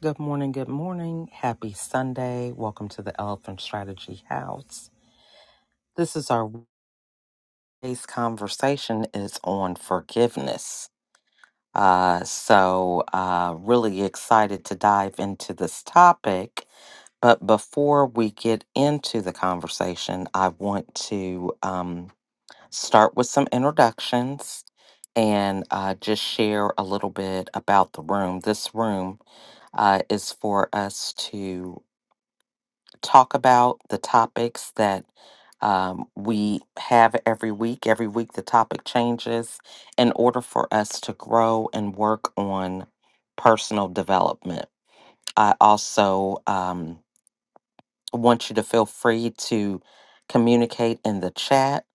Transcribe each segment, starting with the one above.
Good morning, good morning. Happy Sunday. Welcome to the Elephant Strategy House. This is our today's conversation is on forgiveness. Uh, so uh, really excited to dive into this topic. But before we get into the conversation, I want to um, start with some introductions and uh, just share a little bit about the room. This room uh, is for us to talk about the topics that um, we have every week. Every week, the topic changes in order for us to grow and work on personal development. I also um, want you to feel free to communicate in the chat.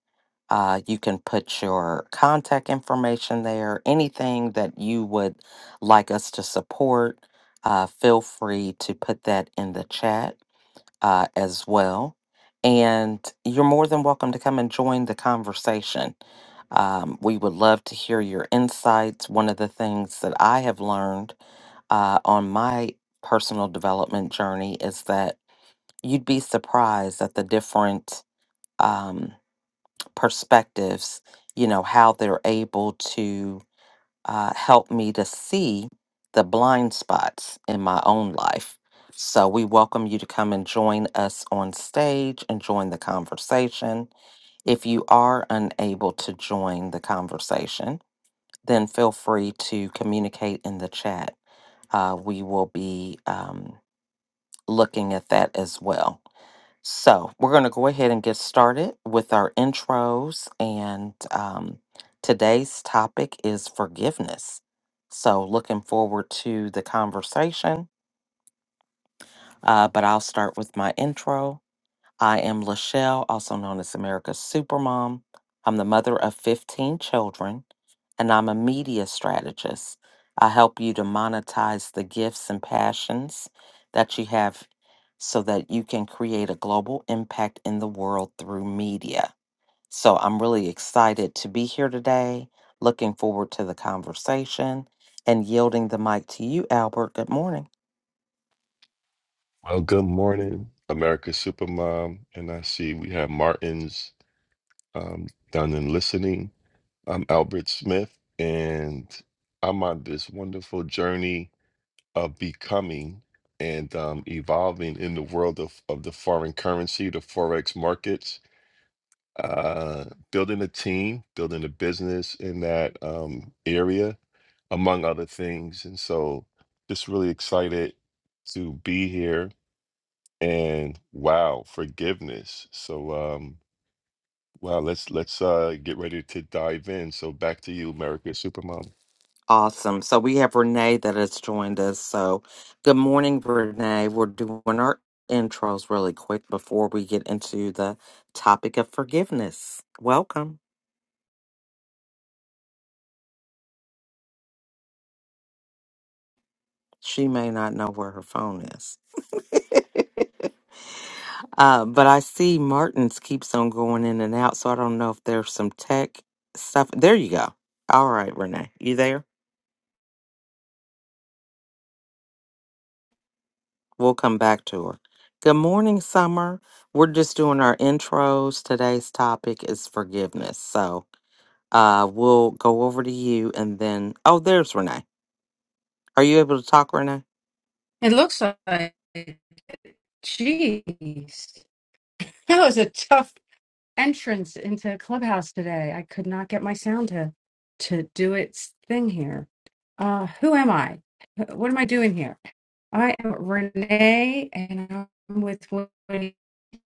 Uh, you can put your contact information there, anything that you would like us to support. Uh, feel free to put that in the chat uh, as well. And you're more than welcome to come and join the conversation. Um, we would love to hear your insights. One of the things that I have learned uh, on my personal development journey is that you'd be surprised at the different um, perspectives, you know, how they're able to uh, helped me to see the blind spots in my own life. So we welcome you to come and join us on stage and join the conversation. If you are unable to join the conversation, then feel free to communicate in the chat. Uh, we will be um, looking at that as well. So, we're going to go ahead and get started with our intros. And um, today's topic is forgiveness. So, looking forward to the conversation, uh, but I'll start with my intro. I am Lachelle, also known as America's Supermom. I'm the mother of 15 children, and I'm a media strategist. I help you to monetize the gifts and passions that you have so that you can create a global impact in the world through media. So I'm really excited to be here today, looking forward to the conversation, and yielding the mic to you, Albert. Good morning. Well, good morning, America Supermom. And I see we have Martins um, down in listening. I'm Albert Smith, and I'm on this wonderful journey of becoming and um, evolving in the world of, of the foreign currency, the Forex markets, uh, building a team, building a business in that um, area, among other things. And so, just really excited to be here and wow forgiveness so um wow let's let's uh get ready to dive in so back to you america supermom Awesome. So we have Renee that has joined us. So good morning, Renee. We're doing our intros really quick before we get into the topic of forgiveness. Welcome. She may not know where her phone is. Uh, but I see Martin's keeps on going in and out, so I don't know if there's some tech stuff. There you go. All right, Renee, you there? We'll come back to her. Good morning, Summer. We're just doing our intros. Today's topic is forgiveness. So Uh, we'll go over to you and then, oh, there's Renee. Are you able to talk, Renee? It looks like, jeez, that was a tough entrance into Clubhouse today. I could not get my sound to to do its thing here. Uh, who am I? What am I doing here? I am Renee, and I'm with Woody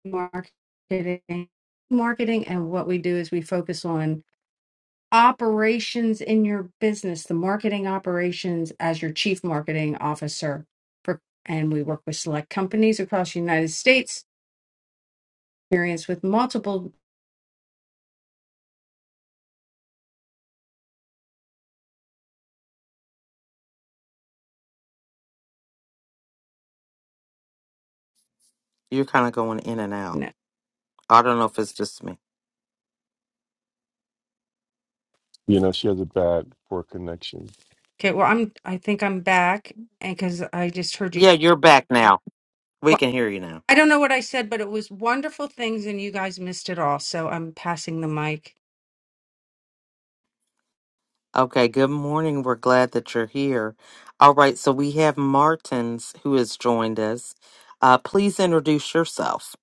marketing. Marketing, and what we do is we focus on operations in your business, the marketing operations as your chief marketing officer. For, and we work with select companies across the United States, experience with multiple. You're kind of going in and out. no. I don't know if it's just me. you know she has a bad poor connection Okay, well, I'm. I think I'm back, and because I just heard you. Yeah, you're back now. We Well, can hear you now. I don't know what I said, but it was wonderful things, and you guys missed it all. So I'm passing the mic. Okay, good morning. We're glad that you're here. All right, so we have Martins who has joined us. Uh, please introduce yourself.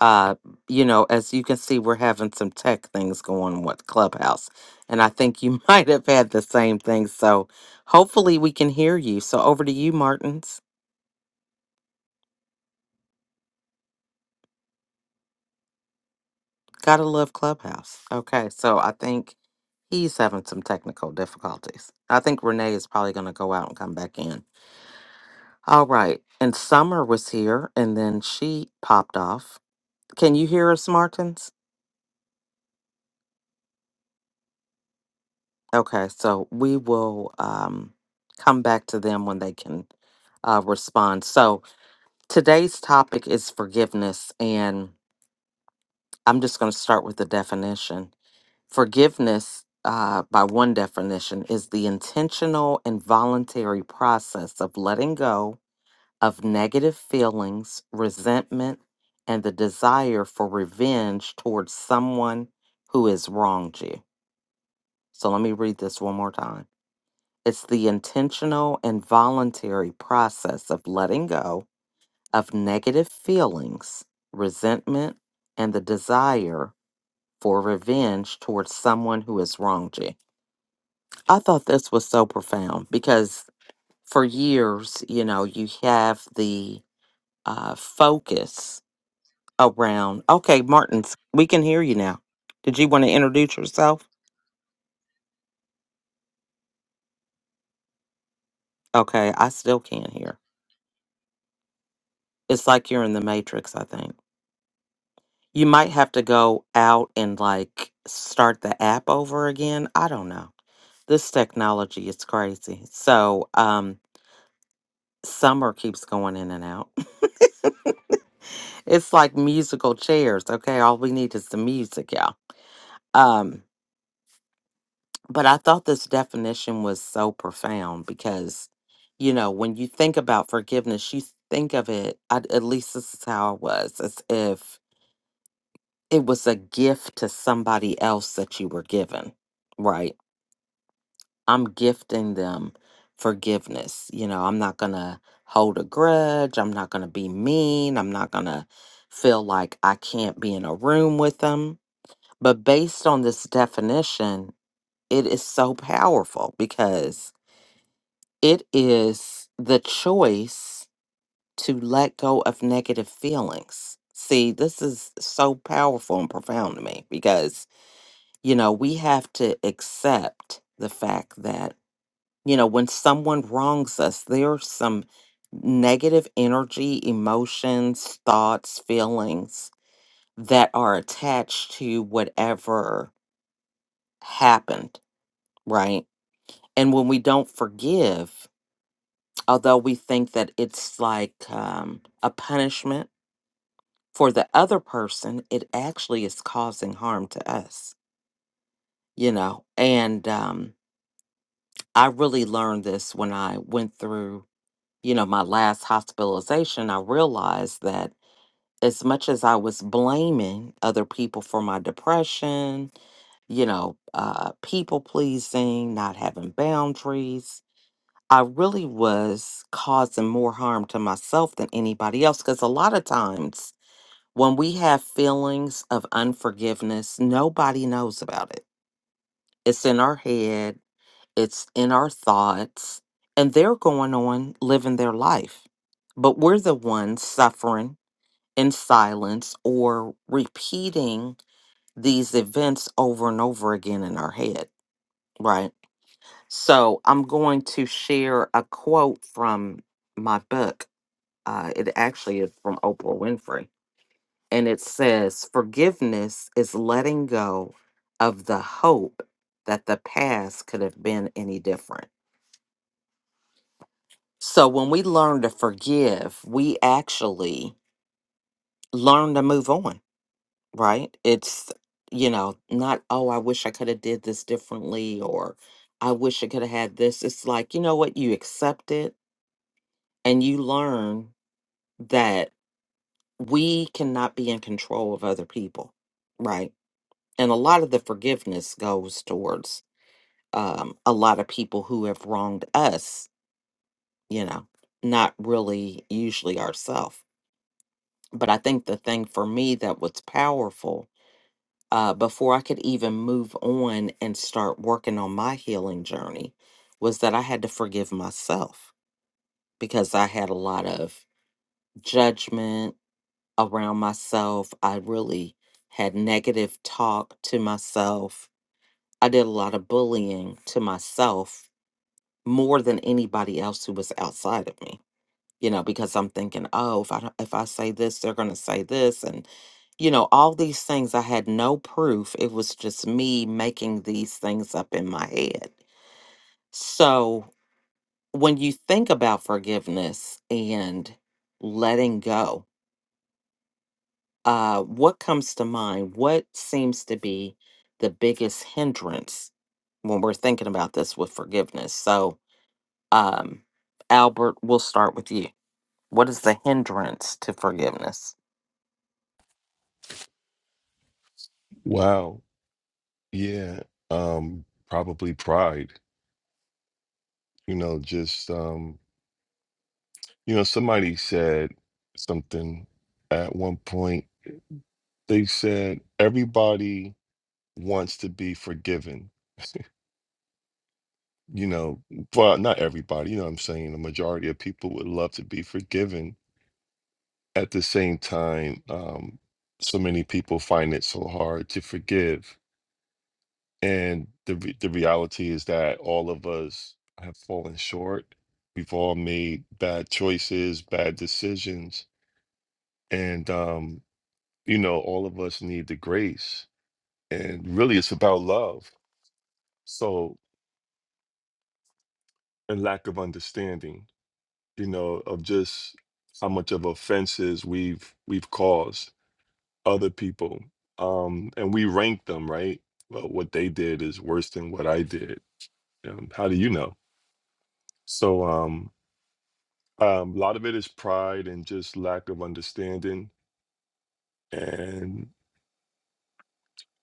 Uh, you know, as you can see, we're having some tech things going with Clubhouse, and I think you might have had the same thing. So hopefully we can hear you. So over to you, Martins. Gotta love Clubhouse. Okay, so I think he's having some technical difficulties. I think Renee is probably going to go out and come back in. All right, and Summer was here and then she popped off. Can you hear us, Martins? Okay, so we will um, come back to them when they can uh, respond. So today's topic is forgiveness, and I'm just going to start with the definition. Forgiveness, uh, by one definition, is the intentional and voluntary process of letting go of negative feelings, resentment, and the desire for revenge towards someone who has wronged you. So let me read this one more time. It's the intentional and voluntary process of letting go of negative feelings, resentment, and the desire for revenge towards someone who has wronged you. I thought this was so profound because for years, you know, you have the uh, focus around, okay, Martins, we can hear you now. Did you want to introduce yourself? Okay, I still can't hear. It's like you're in the Matrix, I think. You might have to go out and like start the app over again. I don't know. This technology is crazy. So, um, Summer keeps going in and out. it's like musical chairs. Okay, all we need is the music, y'all. Um, but I thought this definition was so profound because, you know, when you think about forgiveness, you think of it. I, at least this is how it was, as if it was a gift to somebody else that you were given. Right? I'm gifting them forgiveness. You know, I'm not gonna hold a grudge. I'm not gonna be mean. I'm not gonna feel like I can't be in a room with them But based on this definition, it is so powerful because it is the choice to let go of negative feelings. See, this is so powerful and profound to me because, you know, we have to accept the fact that, you know, when someone wrongs us, there's some negative energy, emotions, thoughts, feelings that are attached to whatever happened, right? And when we don't forgive, although we think that it's like um, a punishment for the other person, it actually is causing harm to us, you know. And um, I really learned this when I went through, you know, my last hospitalization. I realized that as much as I was blaming other people for my depression, you know, uh, people pleasing, not having boundaries, I really was causing more harm to myself than anybody else because a lot of times when we have feelings of unforgiveness, nobody knows about it. It's in our head, it's in our thoughts, and they're going on living their life. But we're the ones suffering in silence or repeating these events over and over again in our head, right? So I'm going to share a quote from my book Uh, it actually is from Oprah Winfrey. And it says, Forgiveness is letting go of the hope that the past could have been any different. So when we learn to forgive, we actually learn to move on, right? It's, you know, not, oh, I wish I could have did this differently or I wish I could have had this. It's like, you know what? You accept it and you learn that we cannot be in control of other people, right? and a lot of the forgiveness goes towards um, a lot of people who have wronged us you know not really usually ourselves but i think the thing for me that was powerful uh, before i could even move on and start working on my healing journey was that i had to forgive myself because i had a lot of judgment around myself i really had negative talk to myself I did a lot of bullying to myself more than anybody else who was outside of me you know because i'm thinking oh if i don't- if i say this they're going to say this and you know all these things i had no proof it was just me making these things up in my head so when you think about forgiveness and letting go uh what comes to mind what seems to be the biggest hindrance when we're thinking about this with forgiveness so um albert we'll start with you What is the hindrance to forgiveness? wow yeah um probably pride you know just um you know somebody said something at one point they said everybody wants to be forgiven you know well not everybody you know what i'm saying the majority of people would love to be forgiven at the same time, um, so many people find it so hard to forgive. And the re- the reality is that all of us have fallen short. We've all made bad choices, bad decisions, and um, you know, all of us need the grace. And really, it's about love. So, and lack of understanding, you know, of just how much of offenses we've we've caused other people um and we rank them right well what they did is worse than what i did um, how do you know so um, um a lot of it is pride and just lack of understanding and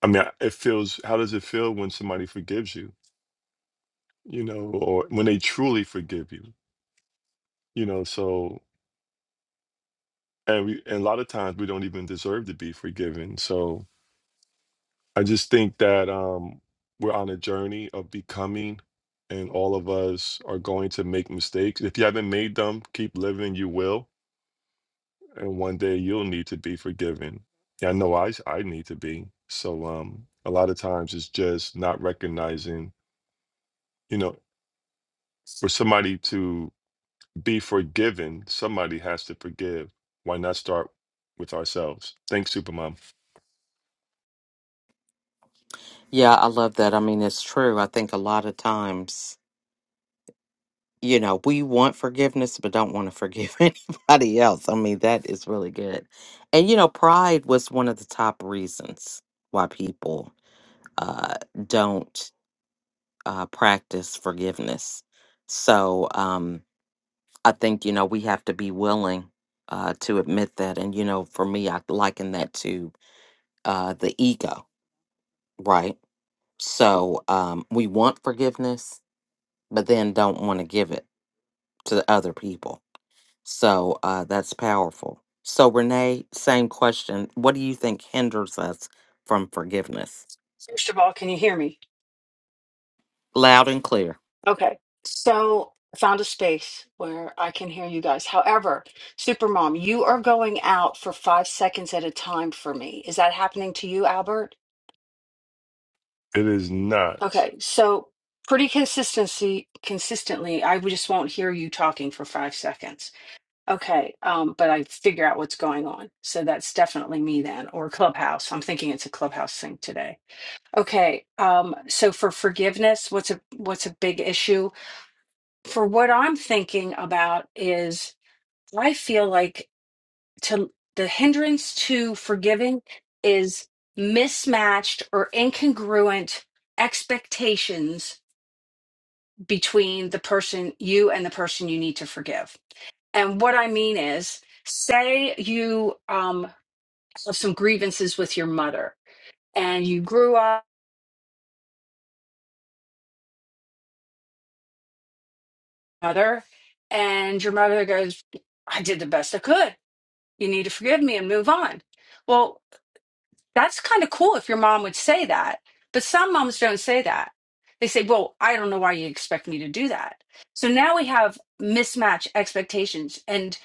i mean I- it feels how does it feel when somebody forgives you you know or when they truly forgive you you know so and we and a lot of times we don't even deserve to be forgiven so I just think that um, we're on a journey of becoming, and all of us are going to make mistakes. If you haven't made them, keep living. You will, and one day you'll need to be forgiven. Yeah, I know I s- I need to be. So um, a lot of times it's just not recognizing. You know, for somebody to be forgiven, somebody has to forgive. Why not start with ourselves? Thanks, Supermom. Yeah, I love that. I mean, it's true. I think a lot of times, you know, we want forgiveness, but don't want to forgive anybody else. I mean, that is really good. And, you know, pride was one of the top reasons why people uh, don't uh, practice forgiveness. So um, I think, you know, we have to be willing uh, to admit that. And, you know, for me, I liken that to uh, the ego, right? So um, we want forgiveness, but then don't want to give it to the other people. So uh, that's powerful. So, Renee, same question. What do you think hinders us from forgiveness? First of all, can you hear me? Loud and clear. Okay. So I found a space where I can hear you guys. However, Supermom, you are going out for five seconds at a time for me. Is that happening to you, Albert? It is not. Okay. So pretty consistency consistently, I just won't hear you talking for five seconds. Okay. Um, but I figure out what's going on. So that's definitely me then, or Clubhouse. I'm thinking it's a Clubhouse thing today. Okay. Um, so for forgiveness, what's a what's a big issue? for what I'm thinking about is I feel like to the hindrance to forgiving is mismatched or incongruent expectations between the person you and the person you need to forgive. And what I mean is, say you um, have some grievances with your mother, and you grew up with your mother, and your mother goes, "I did the best I could. You need to forgive me and move on." Well, That's kind of cool if your mom would say that. But some moms don't say that. They say, Well, I don't know why you expect me to do that. So now we have mismatch expectations and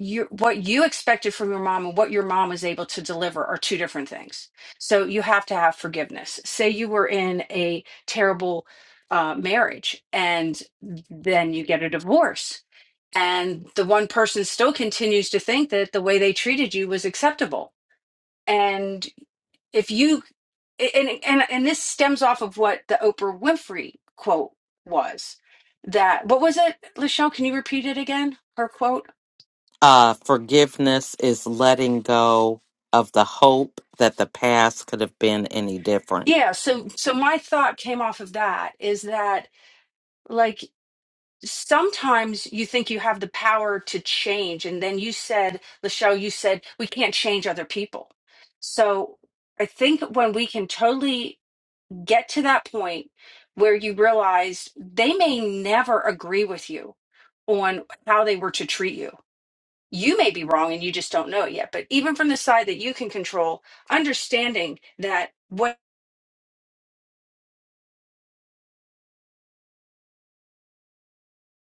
you, what you expected from your mom and what your mom was able to deliver are two different things. So you have to have forgiveness. Say you were in a terrible uh, marriage and then you get a divorce and the one person still continues to think that the way they treated you was acceptable and if you and and and this stems off of what the Oprah Winfrey quote was that what was it Lachelle can you repeat it again her quote Uh, forgiveness is letting go of the hope that the past could have been any different yeah so so my thought came off of that is that like sometimes you think you have the power to change and then you said Lachelle you said we can't change other people so I think when we can totally get to that point where you realize they may never agree with you on how they were to treat you. You may be wrong and you just don't know it yet. But even from the side that you can control, understanding that what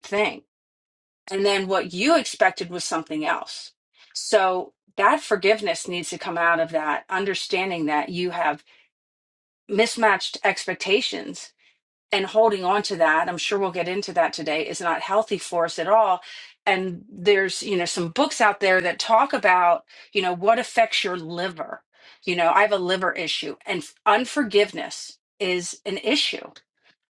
thing and then what you expected was something else. So that forgiveness needs to come out of that understanding that you have mismatched expectations and holding on to that i'm sure we'll get into that today is not healthy for us at all and there's you know some books out there that talk about you know what affects your liver you know i have a liver issue and f- unforgiveness is an issue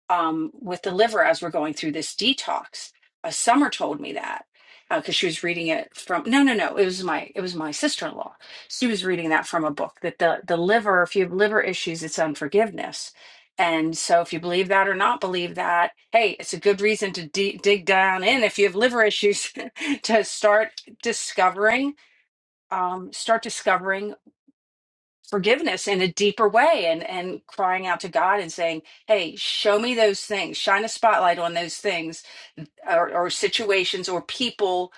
um, with the liver as we're going through this detox. Uh, Summer told me that because she was reading it from no, no, no. It was my it was my sister in law. She was reading that from a book that the the liver, if you have liver issues, it's unforgiveness. And so, if you believe that or not believe that, hey, it's a good reason to de- dig down in if you have liver issues to start discovering, um, start discovering forgiveness in a deeper way and and crying out to God and saying, "Hey, show me those things. Shine a spotlight on those things or, or situations or people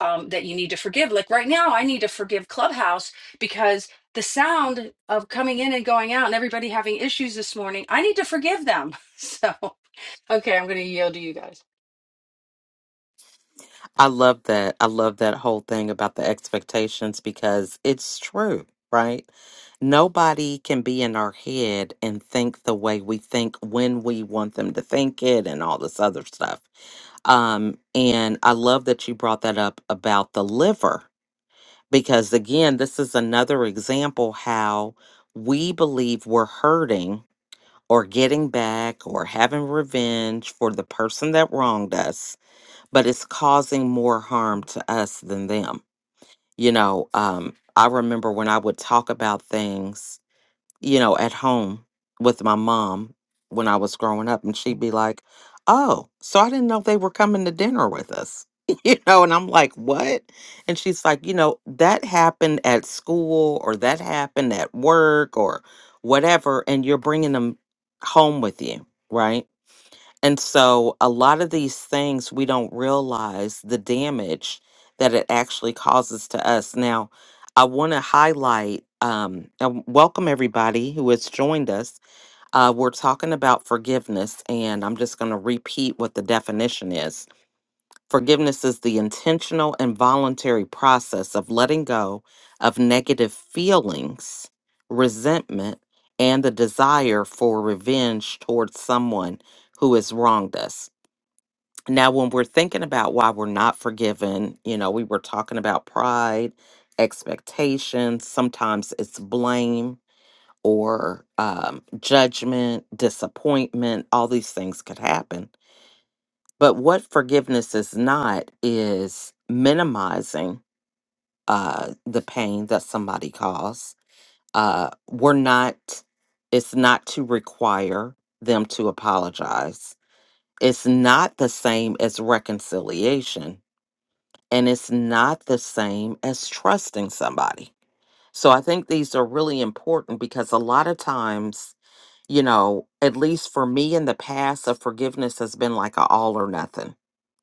um, that you need to forgive." Like right now, I need to forgive Clubhouse because the sound of coming in and going out and everybody having issues this morning, I need to forgive them. So, okay, I'm going to yield to you guys. I love that. I love that whole thing about the expectations because it's true, right? Nobody can be in our head and think the way we think when we want them to think it and all this other stuff. Um, and I love that you brought that up about the liver because, again, this is another example how we believe we're hurting or getting back or having revenge for the person that wronged us but it's causing more harm to us than them. You know, um, I remember when I would talk about things, you know, at home with my mom when I was growing up, and she'd be like, Oh, so I didn't know they were coming to dinner with us. You know, and I'm like, what? And she's like, you know, that happened at school or that happened at work or whatever. And you're bringing them home with you, right? And so a lot of these things we don't realize the damage that it actually causes to us. Now, I want to highlight um, and welcome everybody who has joined us. Uh, we're talking about forgiveness, and I'm just going to repeat what the definition is. Forgiveness is the intentional and voluntary process of letting go of negative feelings, resentment, and the desire for revenge towards someone who has wronged us. Now, when we're thinking about why we're not forgiven, you know, we were talking about pride, expectations, sometimes it's blame or um, judgment, disappointment, all these things could happen. But what forgiveness is not is minimizing uh, the pain that somebody caused. Uh, we're not, it's not to require them to apologize. It's not the same as reconciliation and it's not the same as trusting somebody. So I think these are really important because a lot of times, you know, at least for me in the past, a forgiveness has been like a all or nothing,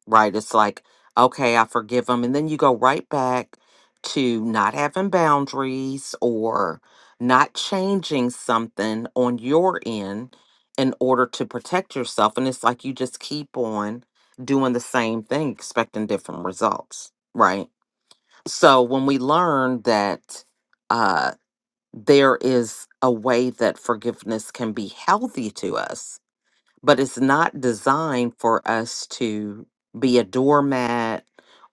right? It's like, okay, I forgive them. And then you go right back to not having boundaries or not changing something on your end in order to protect yourself. And it's like you just keep on doing the same thing, expecting different results, right? So when we learn that uh, there is a way that forgiveness can be healthy to us, but it's not designed for us to be a doormat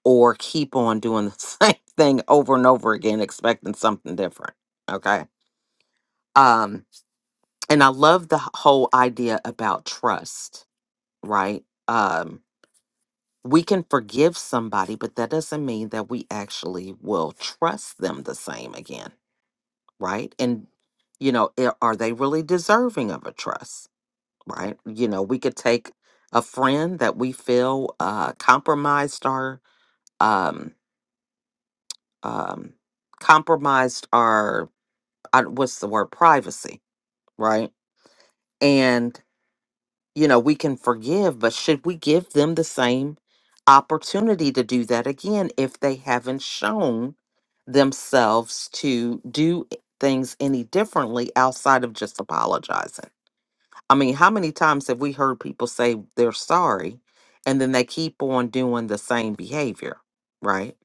or keep on doing the same thing over and over again, expecting something different. Okay. Um, and I love the h- whole idea about trust, right? Um, we can forgive somebody, but that doesn't mean that we actually will trust them the same again right? And, you know, i- are they really deserving of a trust, right? You know, we could take a friend that we feel uh, compromised our, um, um, compromised our, I, what's the word, privacy, right? And, you know, we can forgive, but should we give them the same opportunity to do that again if they haven't shown themselves to do things any differently outside of just apologizing? I mean, how many times have we heard people say they're sorry and then they keep on doing the same behavior, right?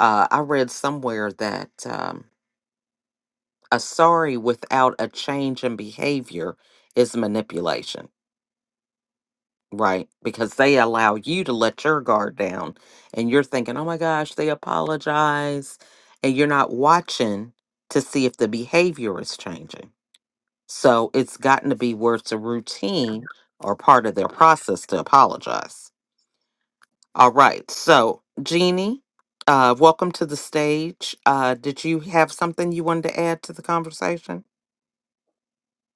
Uh, I read somewhere that um, a sorry without a change in behavior is manipulation, right? Because they allow you to let your guard down and you're thinking, oh my gosh, they apologize. And you're not watching to see if the behavior is changing So it's gotten to be where it's a routine or part of their process to apologize. All right. So, Jeannie, uh, welcome to the stage. Uh, did you have something you wanted to add to the conversation?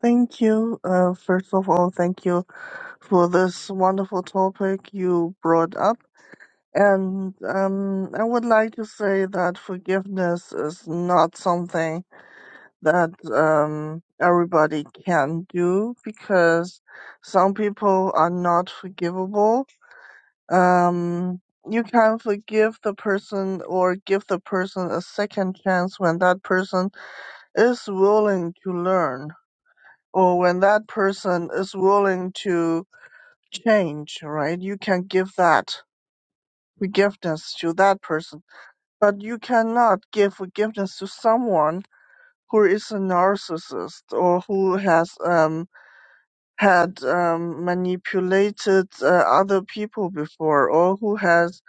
Thank you. Uh, first of all, thank you for this wonderful topic you brought up. And um, I would like to say that forgiveness is not something that um, everybody can do because some people are not forgivable. Um, you can forgive the person or give the person a second chance when that person is willing to learn or when that person is willing to change, right? You can give that forgiveness to that person, but you cannot give forgiveness to someone who is a narcissist or who has um, had um, manipulated uh, other people before or who has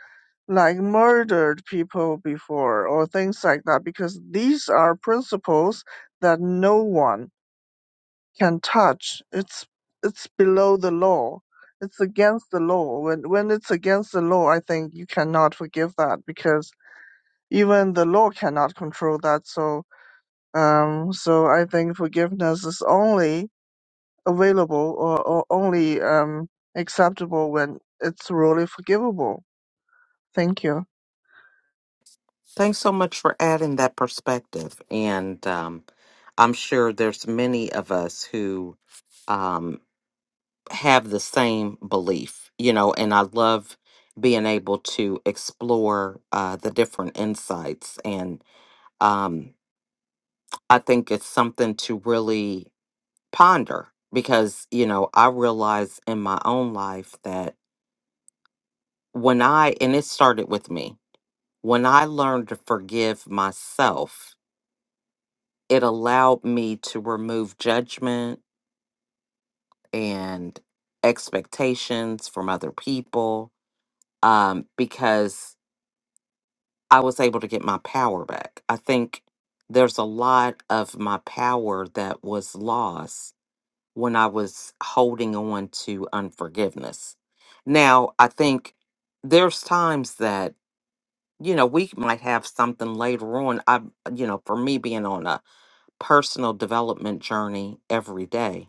like murdered people before or things like that because these are principles that no one can touch. It's it's below the law. It's against the law. When when it's against the law, I think you cannot forgive that because even the law cannot control that. So um so I think forgiveness is only available or, or only um acceptable when it's really forgivable. Thank you. Thanks so much for adding that perspective. And um, I'm sure there's many of us who um, have the same belief, you know, and I love being able to explore uh, the different insights and. Um, I think it's something to really ponder because, you know, I realize in my own life that when I, and it started with me, when I learned to forgive myself, it allowed me to remove judgment and expectations from other people um, because I was able to get my power back. I think there's a lot of my power that was lost when I was holding on to unforgiveness. Now, I think there's times that, you know, we might have something later on. I, you know, for me being on a personal development journey every day,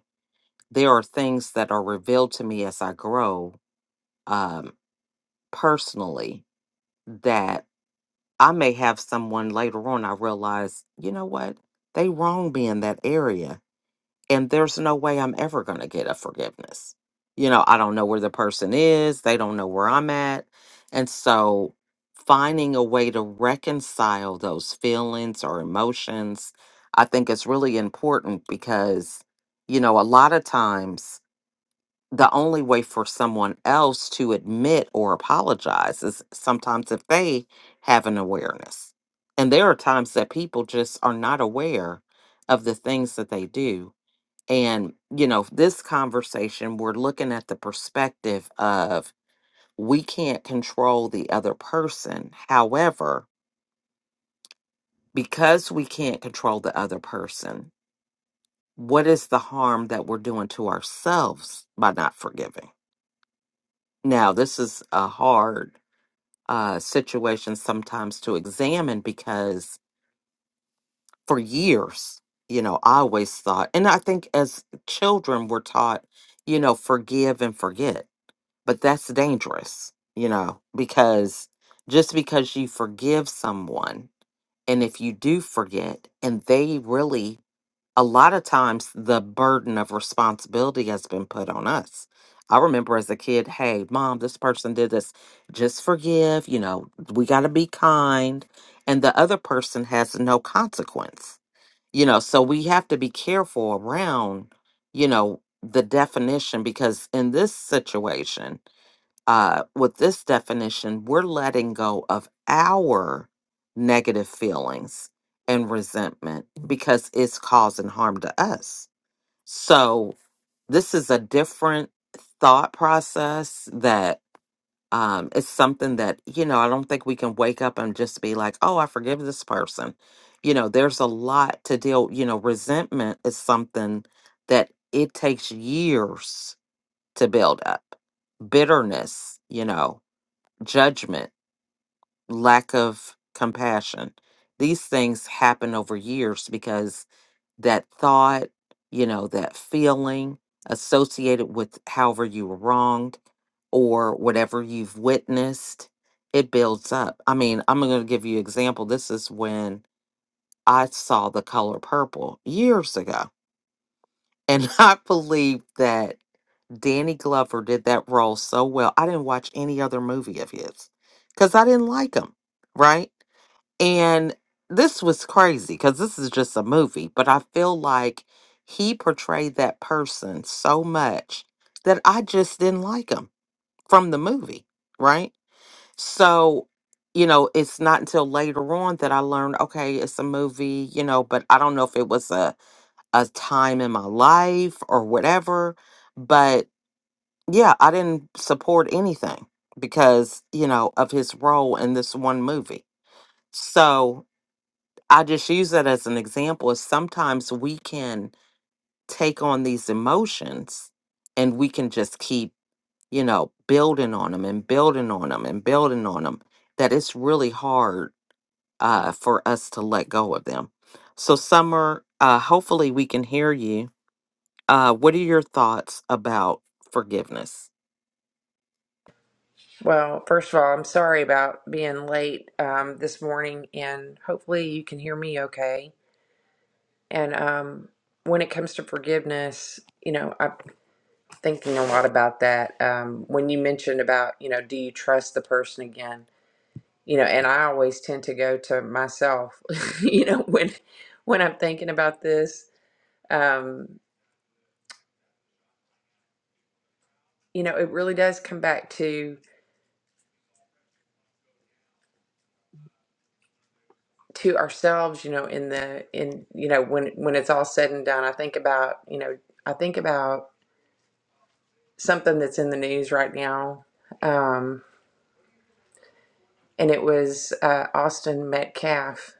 there are things that are revealed to me as I grow um, personally that I may have someone later on I realize, you know what? They wronged me in that area and there's no way I'm ever going to get a forgiveness. You know, I don't know where the person is, they don't know where I'm at. And so finding a way to reconcile those feelings or emotions, I think is really important because, you know, a lot of times the only way for someone else to admit or apologize is sometimes if they have an awareness. And there are times that people just are not aware of the things that they do and, you know, this conversation, we're looking at the perspective of we can't control the other person. However, because we can't control the other person, what is the harm that we're doing to ourselves by not forgiving? Now, this is a hard uh, situation sometimes to examine because for years, you know, I always thought, and I think as children, we're taught, you know, forgive and forget but that's dangerous, you know, because just because you forgive someone, and if you do forget, and they really, a lot of times the burden of responsibility has been put on us. I remember as a kid, hey, mom, this person did this. Just forgive, you know, we got to be kind. And the other person has no consequence, you know, so we have to be careful around, you know, the definition because in this situation, uh, with this definition, we're letting go of our negative feelings and resentment because it's causing harm to us. So, this is a different thought process that um, it's something that, you know, I don't think we can wake up and just be like, oh, I forgive this person. You know, there's a lot to deal, you know, resentment is something that it takes years to build up bitterness, you know judgment, lack of compassion. These things happen over years because that thought, you know, that feeling associated with however you were wronged or whatever you've witnessed, it builds up. I mean, I'm going to give you an example. This is when I saw the color purple years ago and I believe that Danny Glover did that role so well. I didn't watch any other movie of his because I didn't like him, right? And this was crazy because this is just a movie, but I feel like he portrayed that person so much that I just didn't like him from the movie, right? So, you know, it's not until later on that I learned, okay, it's a movie, you know, but I don't know if it was a a time in my life or whatever. But yeah, I didn't support anything because, you know, of his role in this one movie. So I just use that as an example. Is sometimes we can take on these emotions and we can just keep, you know, building on them and building on them and building on them, that it's really hard uh, for us to let go of them. So, Summer, uh, hopefully we can hear you Uh, what are your thoughts about forgiveness? Well, first of all, I'm sorry about being late um, this morning, and hopefully you can hear me okay. And um, when it comes to forgiveness, you know, I'm thinking a lot about that. Um, when you mentioned about, you know, do you trust the person again? You know, and I always tend to go to myself, you know, when when I'm thinking about this. Um, you know, it really does come back to. to ourselves, you know, in the in you know when when it's all said and done, I think about you know I think about something that's in the news right now, um, and it was uh, Austin Metcalf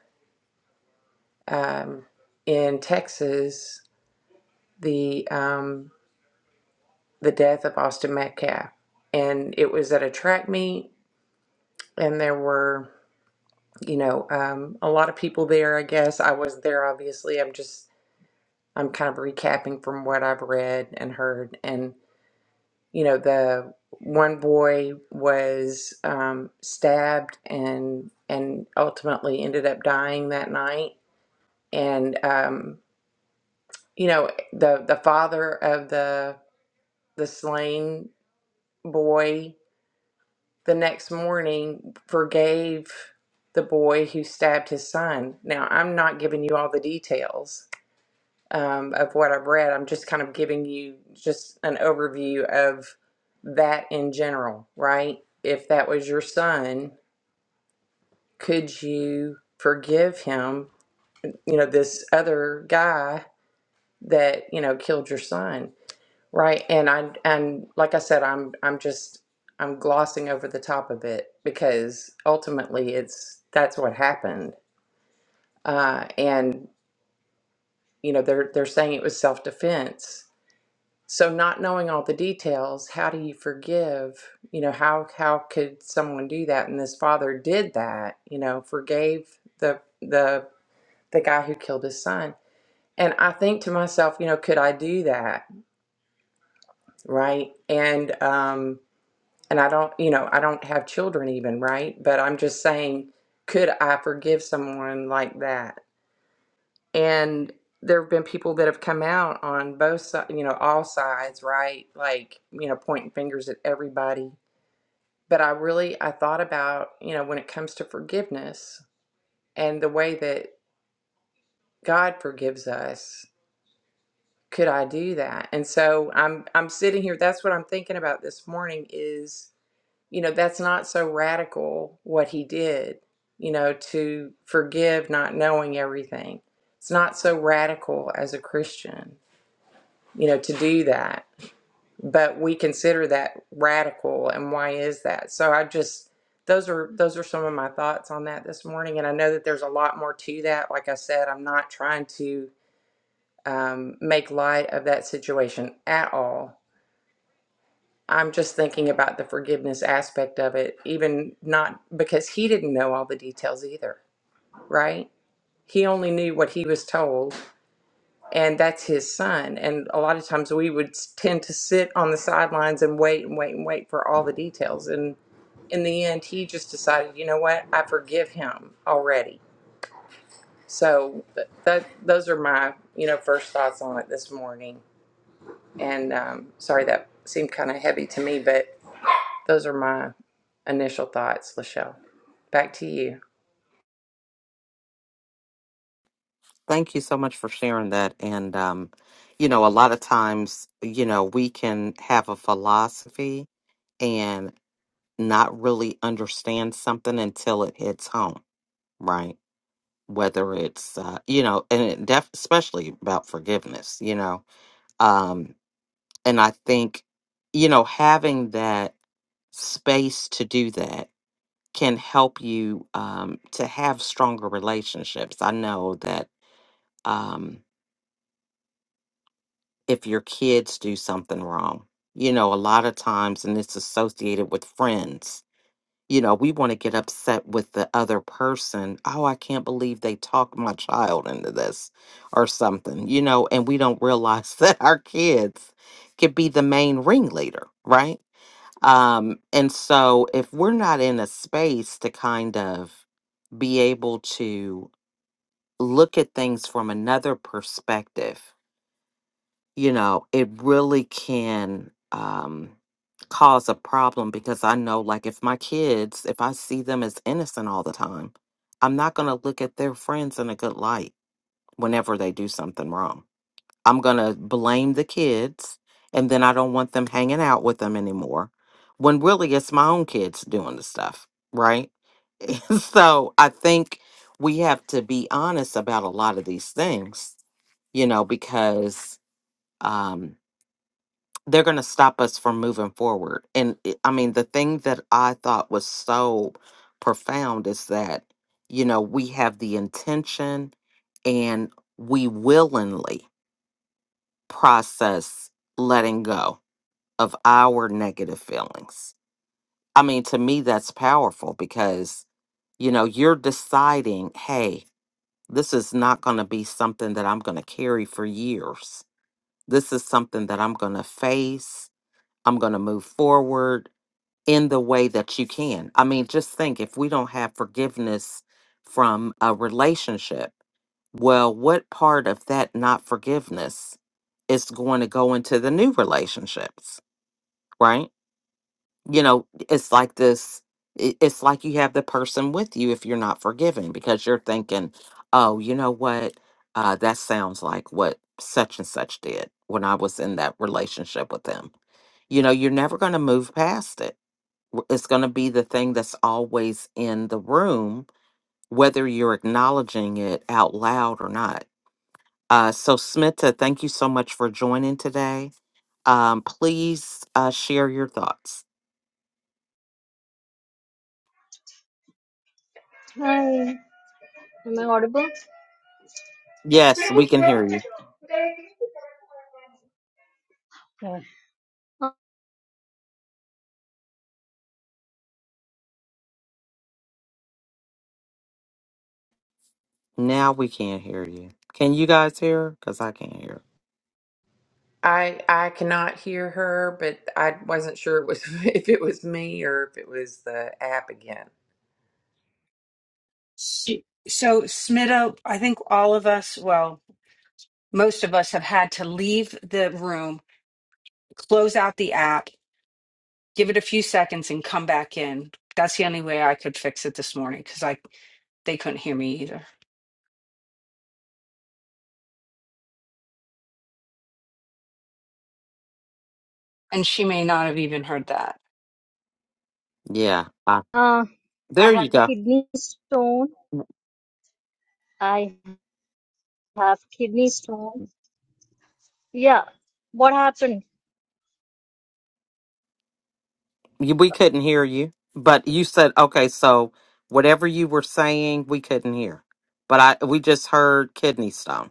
um, in Texas, the um, the death of Austin Metcalf, and it was at a track meet, and there were you know um, a lot of people there. I guess I was there. Obviously, I'm just I'm kind of recapping from what I've read and heard and. you know, the one boy was um, stabbed and and ultimately ended up dying that night. And um, you know, the the father of the the slain boy the next morning forgave the boy who stabbed his son. Now, I'm not giving you all the details, um, of what I've read. I'm just kind of giving you just an overview of that in general, right? If that was your son, could you forgive him, you know, this other guy that, you know, killed your son, right? And I and like I said, I'm I'm just I'm glossing over the top of it because ultimately it's that's what happened. Uh, and you know, they're they're saying it was self-defense So not knowing all the details, how do you forgive? You know, how how could someone do that? And this father did that, you know, forgave the the the guy who killed his son. And I think to myself, you know, could I do that? Right? And um and I don't, you know, I don't have children even, right? But I'm just saying, could I forgive someone like that? and there have been people that have come out on both sides, you know, all sides, right? Like, you know, pointing fingers at everybody. But I really, I thought about, you know, when it comes to forgiveness and the way that God forgives us, could I do that? And so I'm, I'm sitting here. That's what I'm thinking about this morning is, you know, that's not so radical what he did, you know, to forgive not knowing everything. It's not so radical as a Christian you know, to do that. But we consider that radical, and why is that? So I just those are those are some of my thoughts on that this morning, and I know that there's a lot more to that. Like I said, I'm not trying to um, make light of that situation at all. I'm just thinking about the forgiveness aspect of it, even not because he didn't know all the details either, right? He only knew what he was told and that's his son. And a lot of times we would tend to sit on the sidelines and wait and wait and wait for all the details. And in the end, he just decided, you know what, I forgive him already. So th- that those are my you know first thoughts on it this morning. And um, sorry that seemed kind of heavy to me, but those are my initial thoughts, Lachelle. Back to you. Thank you so much for sharing that. And, um, you know, a lot of times, you know, we can have a philosophy and not really understand something until it hits home, right? Whether it's, uh, you know, and it def- especially about forgiveness, you know. Um, and I think, you know, having that space to do that can help you um, to have stronger relationships. I know that um, if your kids do something wrong, you know, a lot of times, and it's associated with friends, you know, we want to get upset with the other person. Oh, I can't believe they talked my child into this or something, you know, and we don't realize that our kids could be the main ringleader, right? Um, and so if we're not in a space to kind of be able to look at things from another perspective, you know, it really can um, cause a problem because I know, like, if my kids, if I see them as innocent all the time, I'm not going to look at their friends in a good light whenever they do something wrong. I'm going to blame the kids, and then I don't want them hanging out with them anymore when really it's my own kids doing the stuff, right? so I think we have to be honest about a lot of these things you know, because um, they're going to stop us from moving forward. And it- I mean, the thing that I thought was so profound is that, you know, we have the intention and we willingly process letting go of our negative feelings. I mean, to me, that's powerful because, you know, you're deciding, hey, this is not going to be something that I'm going to carry for years This is something that I'm going to face. I'm going to move forward in the way that you can. I mean, just think if we don't have forgiveness from a relationship, well, what part of that not forgiveness is going to go into the new relationships, right? you know, it's like this. it- It's like you have the person with you if you're not forgiving because you're thinking, oh, you know what? Uh, that sounds like what such and such did when I was in that relationship with them. You know, you're never going to move past it. W- It's going to be the thing that's always in the room, whether you're acknowledging it out loud or not. Uh, so, Smita, thank you so much for joining today. Um, please uh, share your thoughts. Hi, am I audible? Yes, we can hear you. Yeah. Now we can't hear you. Can you guys hear? Because I can't hear. I I cannot hear her, but I wasn't sure it was if it was me or if it was the app again. She- So, Smitta, I think all of us, well, most of us have had to leave the room, close out the app, give it a few seconds and come back in. That's the only way I could fix it this morning because I they couldn't hear me either. And she may not have even heard that. Yeah. I, Uh, I there have you go. kidney stone. I have kidney stone. Yeah, what happened? You- We couldn't hear you, but you said okay. So whatever you were saying, we couldn't hear. But I we just heard kidney stone.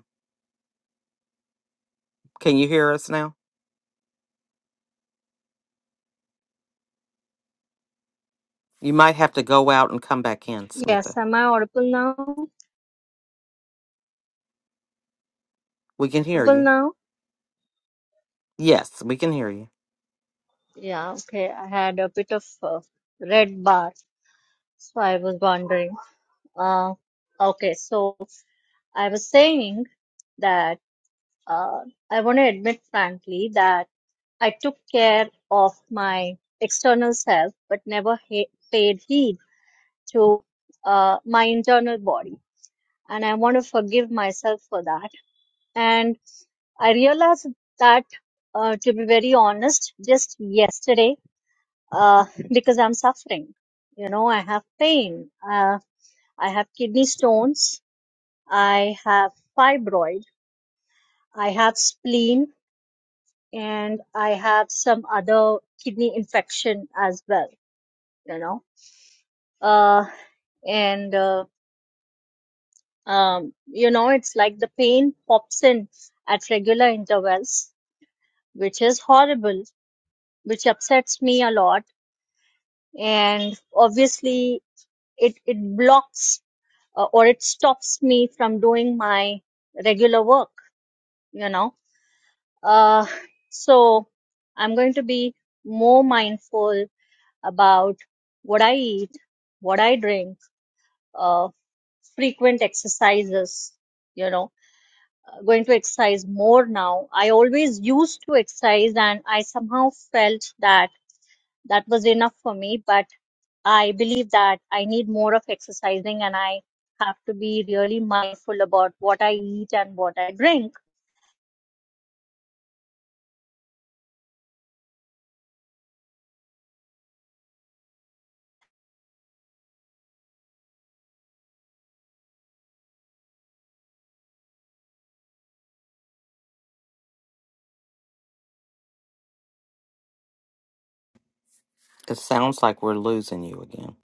Can you hear us now? You might have to go out and come back in, Yes, Smita. am I audible now? We can hear Audible you. now? Yes, we can hear you. Yeah, okay. I had a bit of uh, red bar, so I was wondering. Uh, okay, so I was saying that uh, I want to admit frankly that. I took care of my external self, but never he- paid heed to uh, my internal body. And I want to forgive myself for that. And I realized that, uh, to be very honest, just yesterday, uh, because I'm suffering. You know, I have pain. Uh, I have kidney stones. I have fibroid. I have spleen. And I have some other kidney infection as well you know uh, and uh, um, you know it's like the pain pops in at regular intervals which is horrible which upsets me a lot and obviously it it blocks uh, or it stops me from doing my regular work you know uh, so i'm going to be more mindful about what i eat what i drink uh, frequent exercises you know going to exercise more now. I always used to exercise and I somehow felt that that was enough for me, but I believe that I need more of exercising and I have to be really mindful about what I eat and what I drink. It sounds like we're losing you again.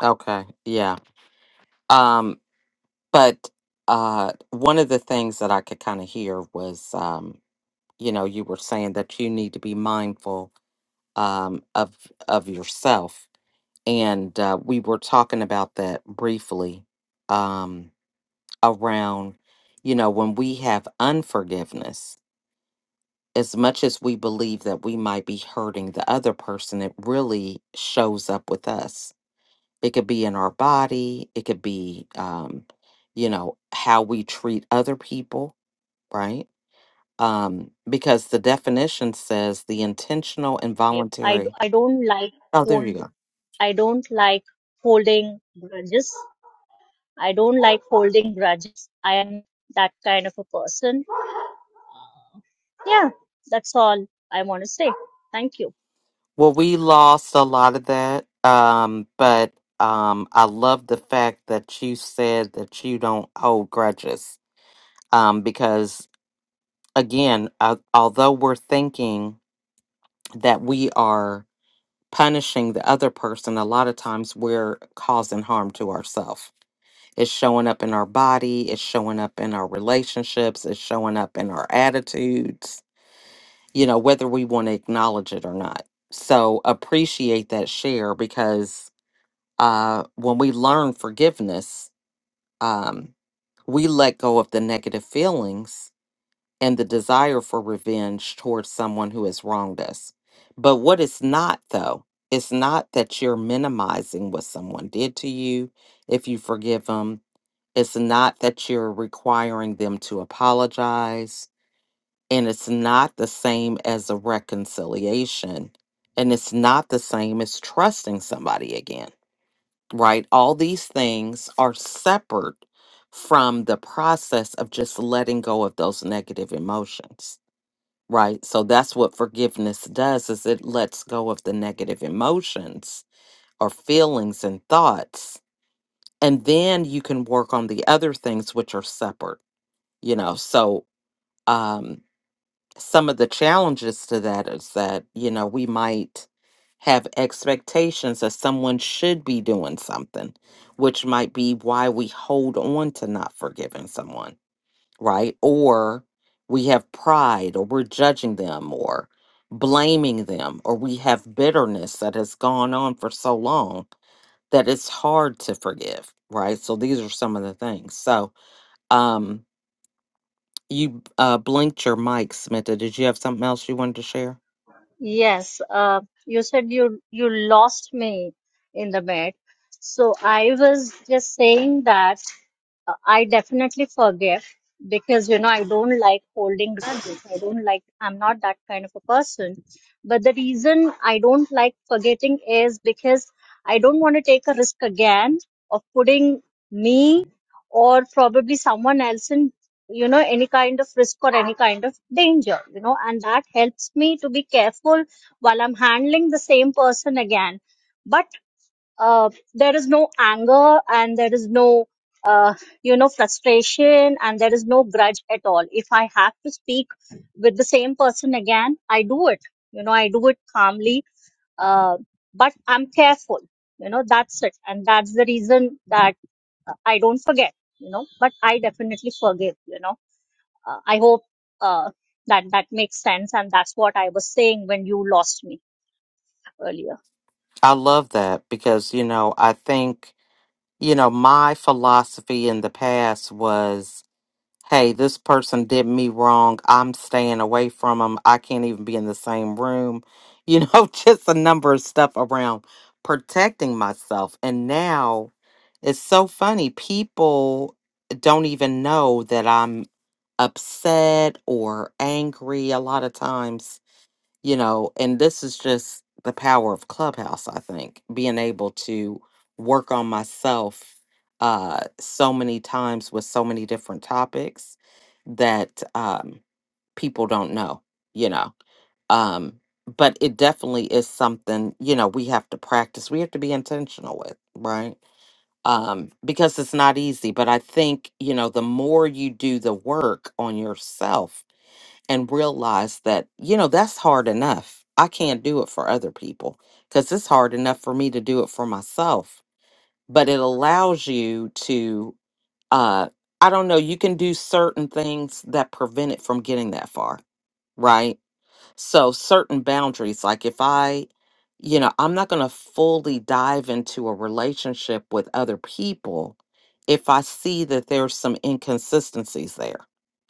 Okay. Yeah. Um. But uh, one of the things that I could kind of hear was um you know you were saying that you need to be mindful um, of of yourself and uh, we were talking about that briefly um, around you know when we have unforgiveness as much as we believe that we might be hurting the other person it really shows up with us it could be in our body it could be um, you know how we treat other people right um, because the definition says the intentional and If I, voluntary. I don't like Oh, there you hold, go. I don't like holding grudges. I don't like holding grudges. I am that kind of a person. Yeah, that's all I want to say. Thank you. Well, we lost a lot of that, um, but um, I love the fact that you said that you don't hold grudges um, because, again, uh, although we're thinking that we are punishing the other person, a lot of times we're causing harm to ourselves. It's showing up in our body, it's showing up in our relationships, it's showing up in our attitudes you know, whether we want to acknowledge it or not. So appreciate that share because uh, when we learn forgiveness, um, we let go of the negative feelings and the desire for revenge towards someone who has wronged us. But what it's not, though, it's not that you're minimizing what someone did to you if you forgive them. It's not that you're requiring them to apologize and it's not the same as a reconciliation and it's not the same as trusting somebody again right all these things are separate from the process of just letting go of those negative emotions right so that's what forgiveness does is it lets go of the negative emotions or feelings and thoughts and then you can work on the other things which are separate you know so um. some of the challenges to that is that you know we might have expectations that someone should be doing something which might be why we hold on to not forgiving someone right or we have pride or we're judging them or blaming them or we have bitterness that has gone on for so long that it's hard to forgive right so these are some of the things so um you uh blinked your mic Smitha. did you have something else you wanted to share Yes, uh, you said you you lost me in the mid. So I was just saying that. Uh, I definitely forgive because you know I don't like holding grudges. I don't like I'm not that kind of a person. But the reason I don't like forgetting is because I don't want to take a risk again of putting me or probably someone else in you know any kind of risk or any kind of danger you know and that helps me to be careful while i'm handling the same person again But uh, there is no anger and there is no uh, you know frustration and there is no grudge at all if i have to speak with the same person again i do it you know i do it calmly uh, but i'm careful you know that's it and that's the reason that uh, i don't forget you know but i definitely forgive you know uh, i hope uh, that that makes sense and that's what i was saying when you lost me earlier I love that because, you know, I think, you know, my philosophy in the past was, hey, this person did me wrong. I'm staying away from them. I can't even be in the same room. You know, just a number of stuff around protecting myself. And now it's so funny. People don't even know that I'm upset or angry a lot of times you know, and this is just the power of Clubhouse, I think, being able to work on myself uh, so many times with so many different topics that um, people don't know, you know. Um, but it definitely is something, you know, we have to practice, we have to be intentional with, right? Um, because it's not easy. But I think, you know, the more you do the work on yourself, and realize that, you know, that's hard enough. I can't do it for other people because it's hard enough for me to do it for myself. But it allows you to, uh, I don't know, you can do certain things that prevent it from getting that far, right? So certain boundaries, like if I, you know, I'm not going to fully dive into a relationship with other people if I see that there's some inconsistencies there.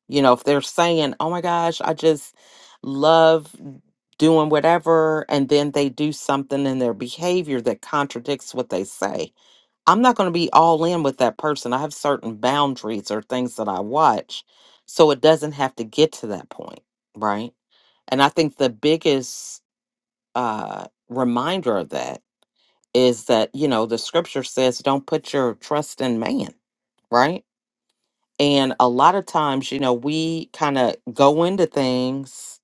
You know, if they're saying, oh my gosh, I just love doing whatever, and then they do something in their behavior that contradicts what they say, I'm not going to be all in with that person. I have certain boundaries or things that I watch. So it doesn't have to get to that point, right? And I think the biggest uh, reminder of that is that, you know, the scripture says, don't put your trust in man, right? And a lot of times, you know, we kind of go into things,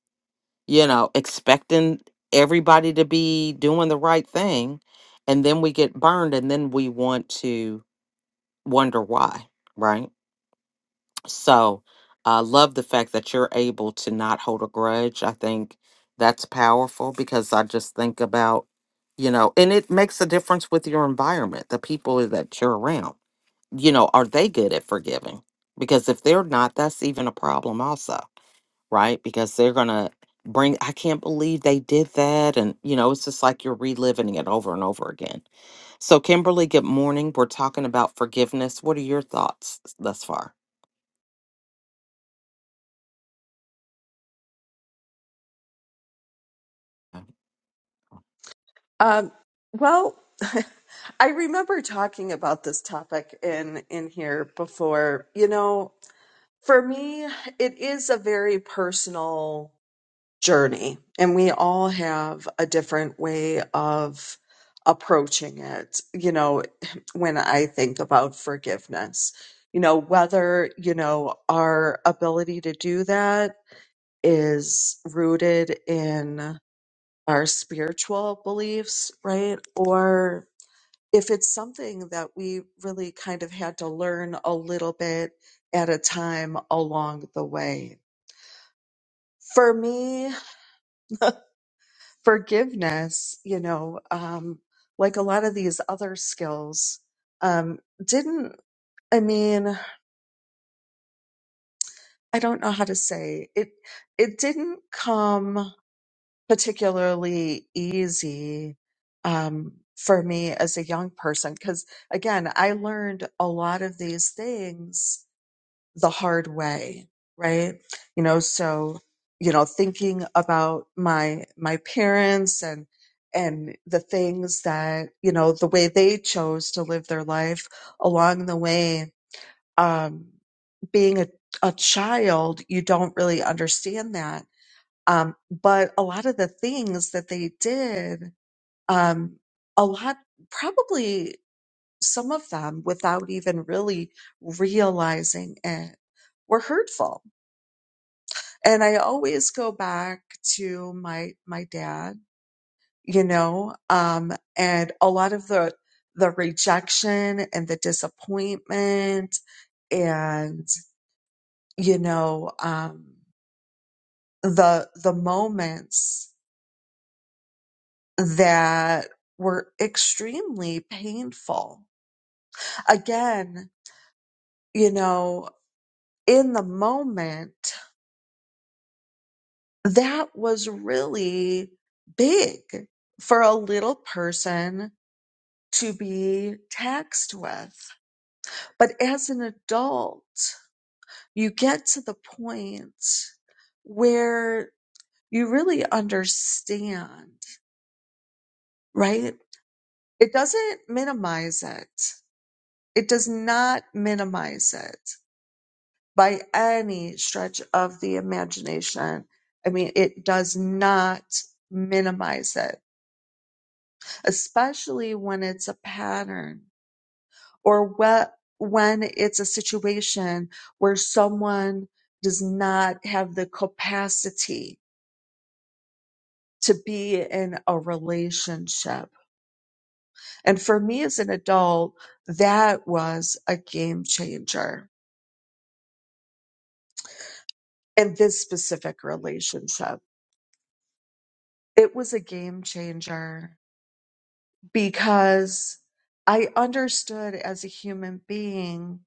you know, expecting everybody to be doing the right thing. And then we get burned and then we want to wonder why, right? So I love the fact that you're able to not hold a grudge. I think that's powerful because I just think about, you know, and it makes a difference with your environment, the people that you're around. You know, are they good at forgiving? Because if they're not, that's even a problem, also, right? Because they're going to bring, I can't believe they did that. And, you know, it's just like you're reliving it over and over again. So, Kimberly, good morning. We're talking about forgiveness. What are your thoughts thus far? Um, well, I remember talking about this topic in in here before. You know, for me, it is a very personal journey, and we all have a different way of approaching it. You know, when I think about forgiveness, you know, whether you know our ability to do that is rooted in our spiritual beliefs, right? Or if it's something that we really kind of had to learn a little bit at a time along the way. For me, forgiveness, you know, um, like a lot of these other skills, um, didn't, I mean, I don't know how to say it, it didn't come particularly easy um, for me as a young person because again i learned a lot of these things the hard way right you know so you know thinking about my my parents and and the things that you know the way they chose to live their life along the way um being a, a child you don't really understand that um, but a lot of the things that they did, um, a lot, probably some of them without even really realizing it were hurtful. And I always go back to my, my dad, you know, um, and a lot of the, the rejection and the disappointment and, you know, um, the, the moments that were extremely painful. Again, you know, in the moment, that was really big for a little person to be taxed with. But as an adult, you get to the point where you really understand, right? It doesn't minimize it. It does not minimize it by any stretch of the imagination. I mean, it does not minimize it, especially when it's a pattern or whe- when it's a situation where someone does not have the capacity to be in a relationship. And for me as an adult, that was a game changer in this specific relationship. It was a game changer because I understood as a human being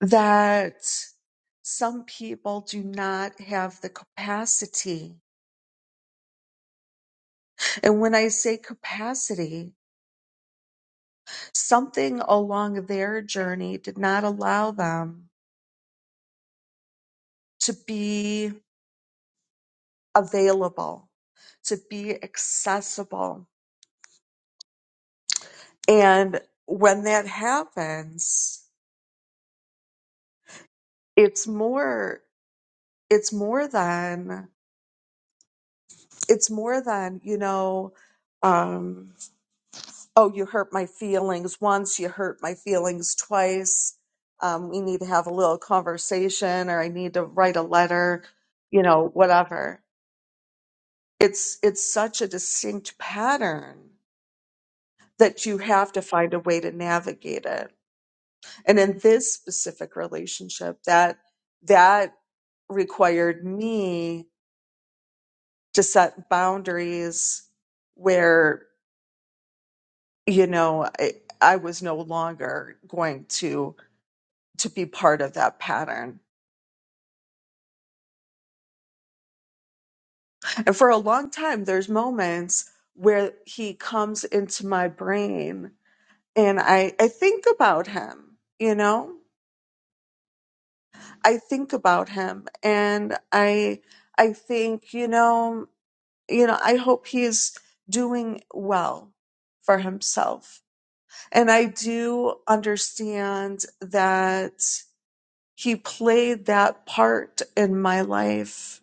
that some people do not have the capacity. And when I say capacity, something along their journey did not allow them to be available, to be accessible. And when that happens, it's more, it's more than it's more than you know um oh you hurt my feelings once you hurt my feelings twice um we need to have a little conversation or i need to write a letter you know whatever it's it's such a distinct pattern that you have to find a way to navigate it and in this specific relationship that that required me to set boundaries where you know, I, I was no longer going to to be part of that pattern. And for a long time, there's moments where he comes into my brain and I, I think about him, you know? I think about him and I I think, you know, you know, I hope he's doing well for himself. And I do understand that He played that part in my life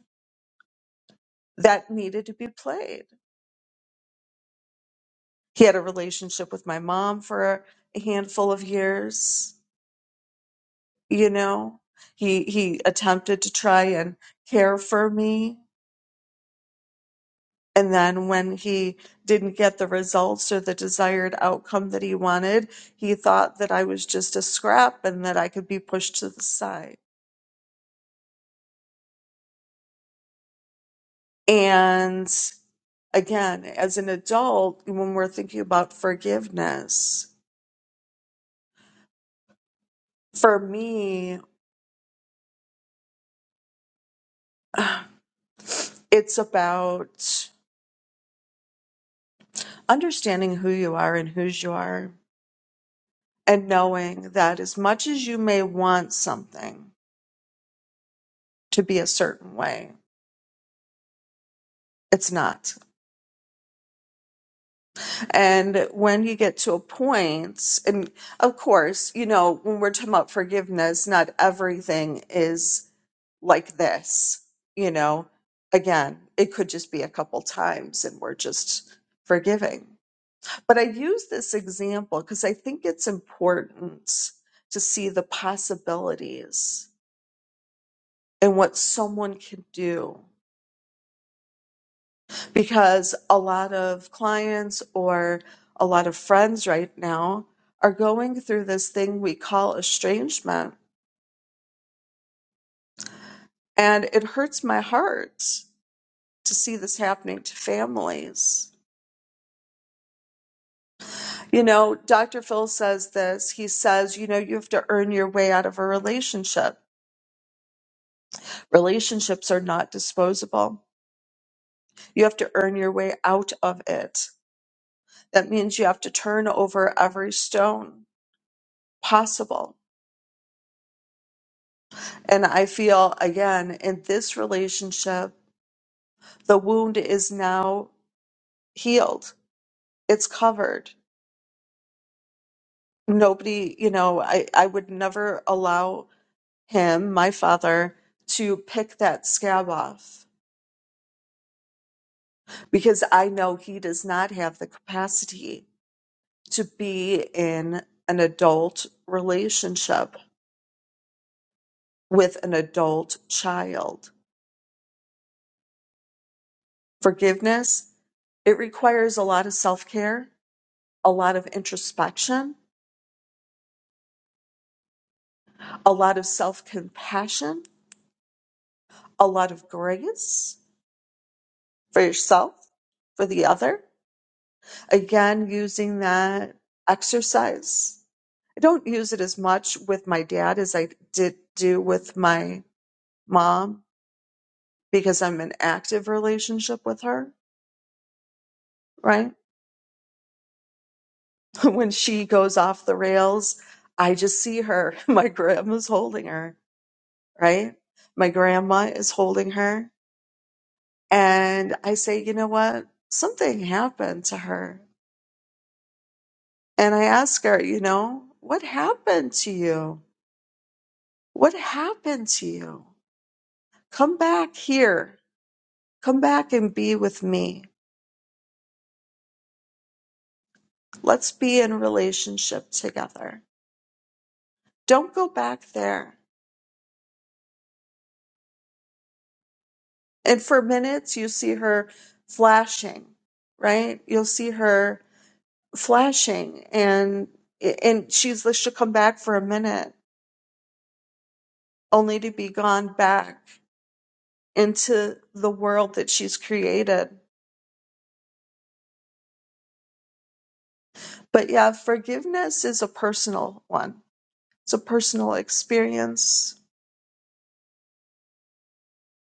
that needed to be played. He had a relationship with my mom for a handful of years, you know. He he attempted to try and care for me, and then when he didn't get the results or the desired outcome that he wanted, he thought that I was just a scrap and that I could be pushed to the side. And again, as an adult, when we're thinking about forgiveness, For me, it's about understanding who you are and whose you are, and knowing that as much as you may want something to be a certain way, it's not. And when you get to a point, and of course, you know, when we're talking about forgiveness, not everything is like this, you know. Again, it could just be a couple times and we're just forgiving But I use this example because I think it's important to see the possibilities and what someone can do. Because a lot of clients or a lot of friends right now are going through this thing we call estrangement. And it hurts my heart to see this happening to families. You know, Dr. Phil says this. He says, you know, you have to earn your way out of a relationship. Relationships are not disposable You have to earn your way out of it. That means you have to turn over every stone possible. And I feel, again, in this relationship, the wound is now healed, it's covered. Nobody, you know, I, I would never allow him, my father, to pick that scab off because I know he does not have the capacity to be in an adult relationship with an adult child. Forgiveness, it requires a lot of self care, a lot of introspection, a lot of self compassion, a lot of grace for yourself, for the other. Again, using that exercise. I don't use it as much with my dad as I did do with my mom because I'm in active relationship with her, right? when she goes off the rails, I just see her. My grandma's holding her, right? My grandma is holding her. And I say, you know what? Something happened to her. And I ask her, you know, what happened to you? What happened to you? Come back here. Come back and be with me. Let's be in relationship together. Don't go back there. And for minutes, you see her flashing, right? You'll see her flashing, and and she's like, she'll come back for a minute, only to be gone back into the world that she's created. But yeah, forgiveness is a personal one. It's a personal experience.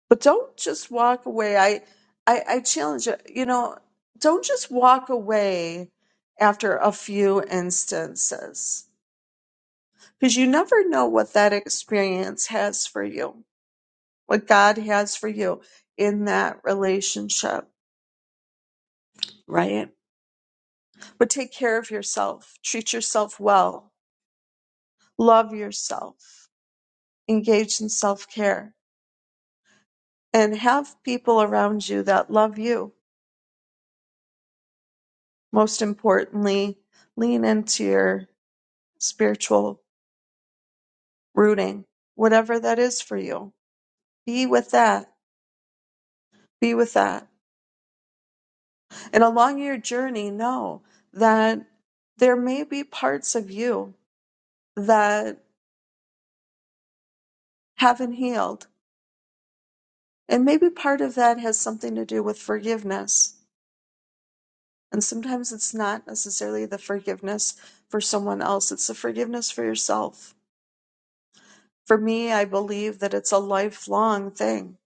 But don't just walk away. I I, I challenge you. You know, don't just walk away after a few instances because you never know what that experience has for you, what God has for you in that relationship, right? But take care of yourself, treat yourself well, love yourself, engage in self care, and have people around you that love you. Most importantly, lean into your spiritual rooting, whatever that is for you. Be with that. Be with that And along your journey, know that there may be parts of you that haven't healed. And maybe part of that has something to do with forgiveness. And sometimes it's not necessarily the forgiveness for someone else, it's the forgiveness for yourself. For me, I believe that it's a lifelong thing.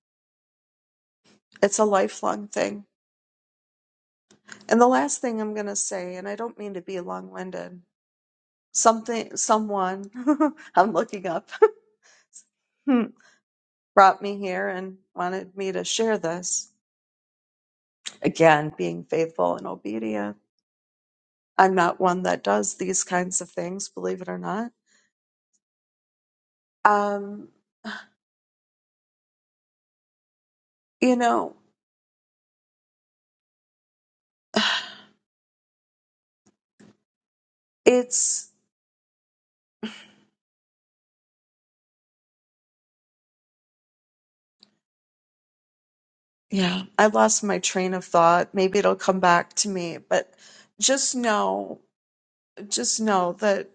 It's a lifelong thing. And the last thing I'm going to say, and I don't mean to be long winded, something, someone, I'm looking up. Hmm. brought me here and wanted me to share this. Again, being faithful and obedient. I'm not one that does these kinds of things, believe it or not. Um, you know, it's, yeah, I lost my train of thought. Maybe it'll come back to me, but just know, just know that,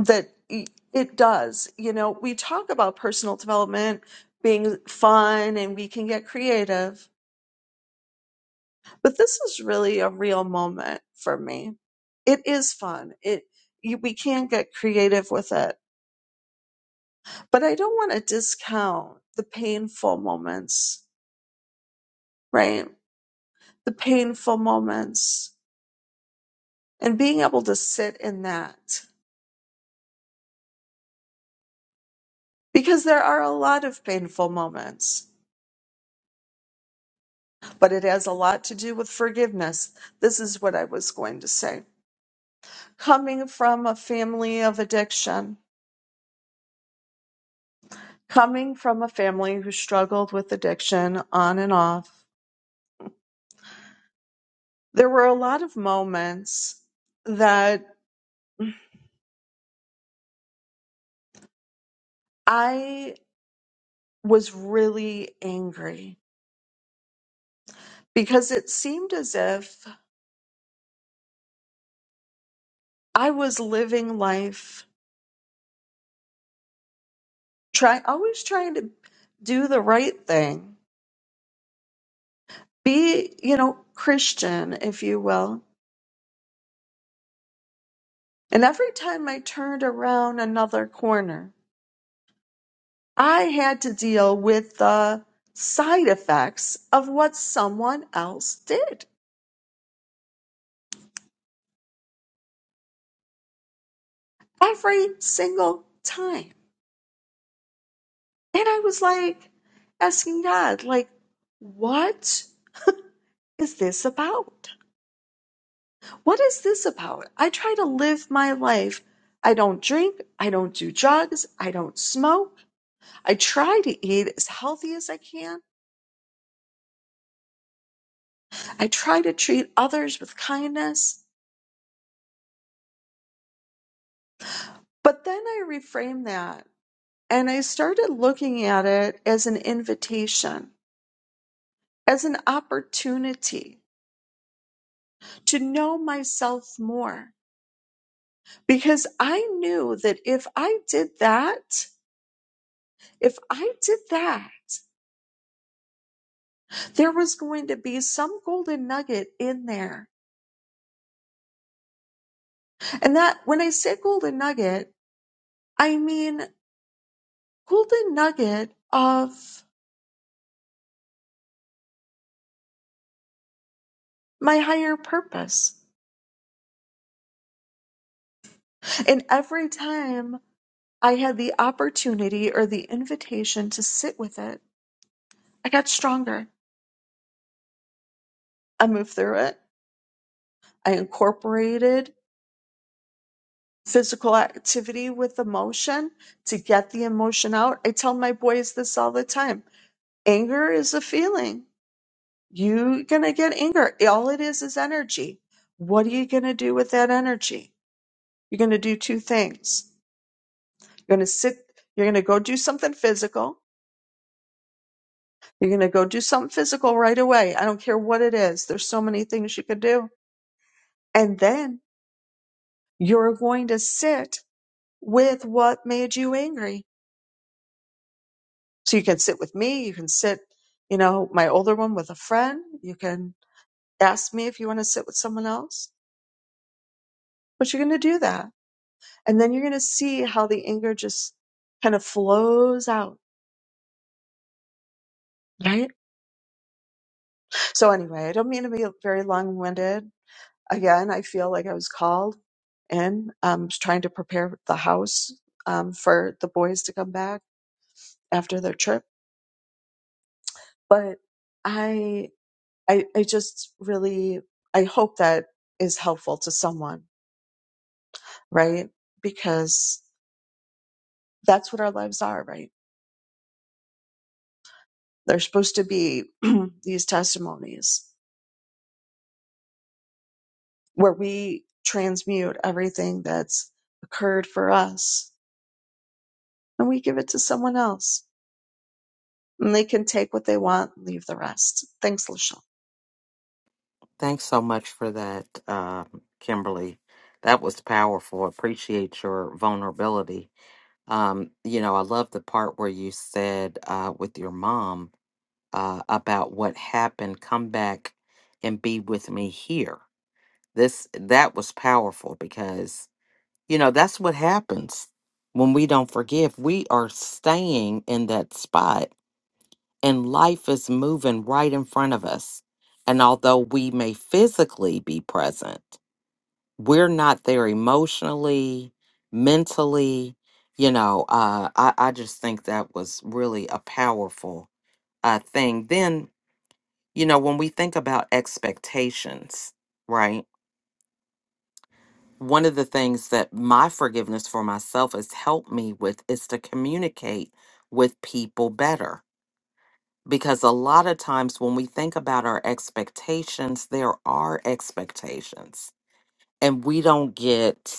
that y- it does. You know, we talk about personal development being fun and we can get creative but this is really a real moment for me it is fun it you, we can get creative with it but i don't want to discount the painful moments right the painful moments and being able to sit in that because there are a lot of painful moments but it has a lot to do with forgiveness this is what i was going to say coming from a family of addiction Coming from a family who struggled with addiction on and off, there were a lot of moments that I was really angry because it seemed as if I was living life try always trying to do the right thing. Be, you know, Christian, if you will. And every time I turned around another corner, I had to deal with the side effects of what someone else did every single time. And I was like asking God, like, what is this about? What is this about? I try to live my life. I don't drink. I don't do drugs. I don't smoke. I try to eat as healthy as I can. I try to treat others with kindness. But then I reframe that And I started looking at it as an invitation, as an opportunity to know myself more. Because I knew that if I did that, if I did that, there was going to be some golden nugget in there. And that, when I say golden nugget, I mean golden nugget of my higher purpose. And every time I had the opportunity or the invitation to sit with it, I got stronger. I moved through it. I incorporated physical activity with emotion to get the emotion out. I tell my boys this all the time. Anger is a feeling. You're going to get anger. All it is is energy. What are you going to do with that energy? You're going to do two things. You're going to sit, you're going to go do something physical. You're going to go do something physical right away. I don't care what it is. There's so many things you could do. And then you're going to sit with what made you angry. So you can sit with me, you can sit, you know, my older one with a friend, you can ask me if you want to sit with someone else, but you're going to do that. And then you're going to see how the anger just kind of flows out, right? So anyway, I don't mean to be very long winded. Again, I feel like I was called in, um, trying to prepare the house, um, for the boys to come back after their trip, but I I, I just really, I hope that is helpful to someone, right? Because that's what our lives are, right? They're supposed to be these testimonies where we transmute everything that's occurred for us and we give it to someone else and they can take what they want, and leave the rest. Thanks, Lachelle. Thanks so much for that, um, Kimberly. That was powerful. Appreciate your vulnerability. Um, you know, I love the part where you said uh, with your mom uh, about what happened. Come back and be with me here. This that was powerful because you know that's what happens when we don't forgive. We are staying in that spot, and life is moving right in front of us. And although we may physically be present we're not there emotionally, mentally, you know, uh, I, I just think that was really a powerful uh, thing. Then, you know, when we think about expectations, right? One of the things that my forgiveness for myself has helped me with is to communicate with people better. Because a lot of times when we think about our expectations, there are expectations and we don't get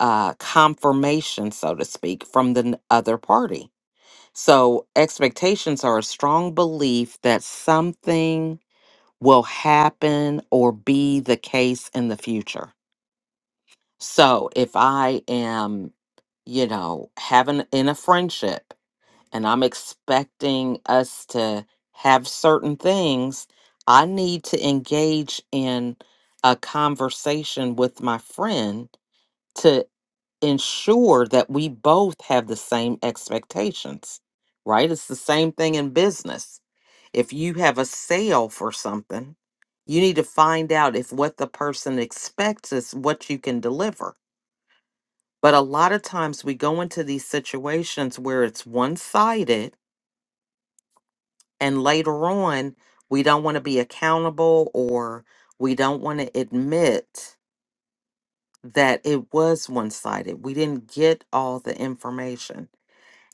uh, confirmation, so to speak, from the n- other party. So, expectations are a strong belief that something will happen or be the case in the future. So, if I am, you know, having in a friendship and I'm expecting us to have certain things, I need to engage in a conversation with my friend to ensure that we both have the same expectations, right? It's the same thing in business. If you have a sale for something, you need to find out if what the person expects is what you can deliver. But a lot of times we go into these situations where it's one sided, and later on, we don't want to be accountable or we don't want to admit that it was one sided. We didn't get all the information.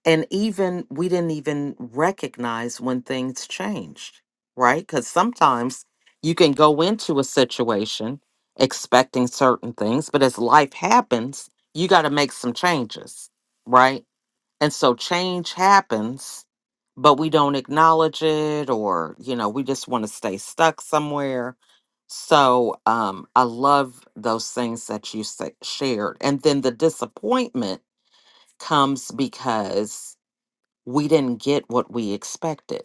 and even we didn't even recognize when things changed right because sometimes you can go into a situation expecting certain things but as life happens you got to make some changes right and so change happens but we don't acknowledge it or you know we just want to stay stuck somewhere so um i love those things that you sa- shared and then the disappointment comes because we didn't get what we expected.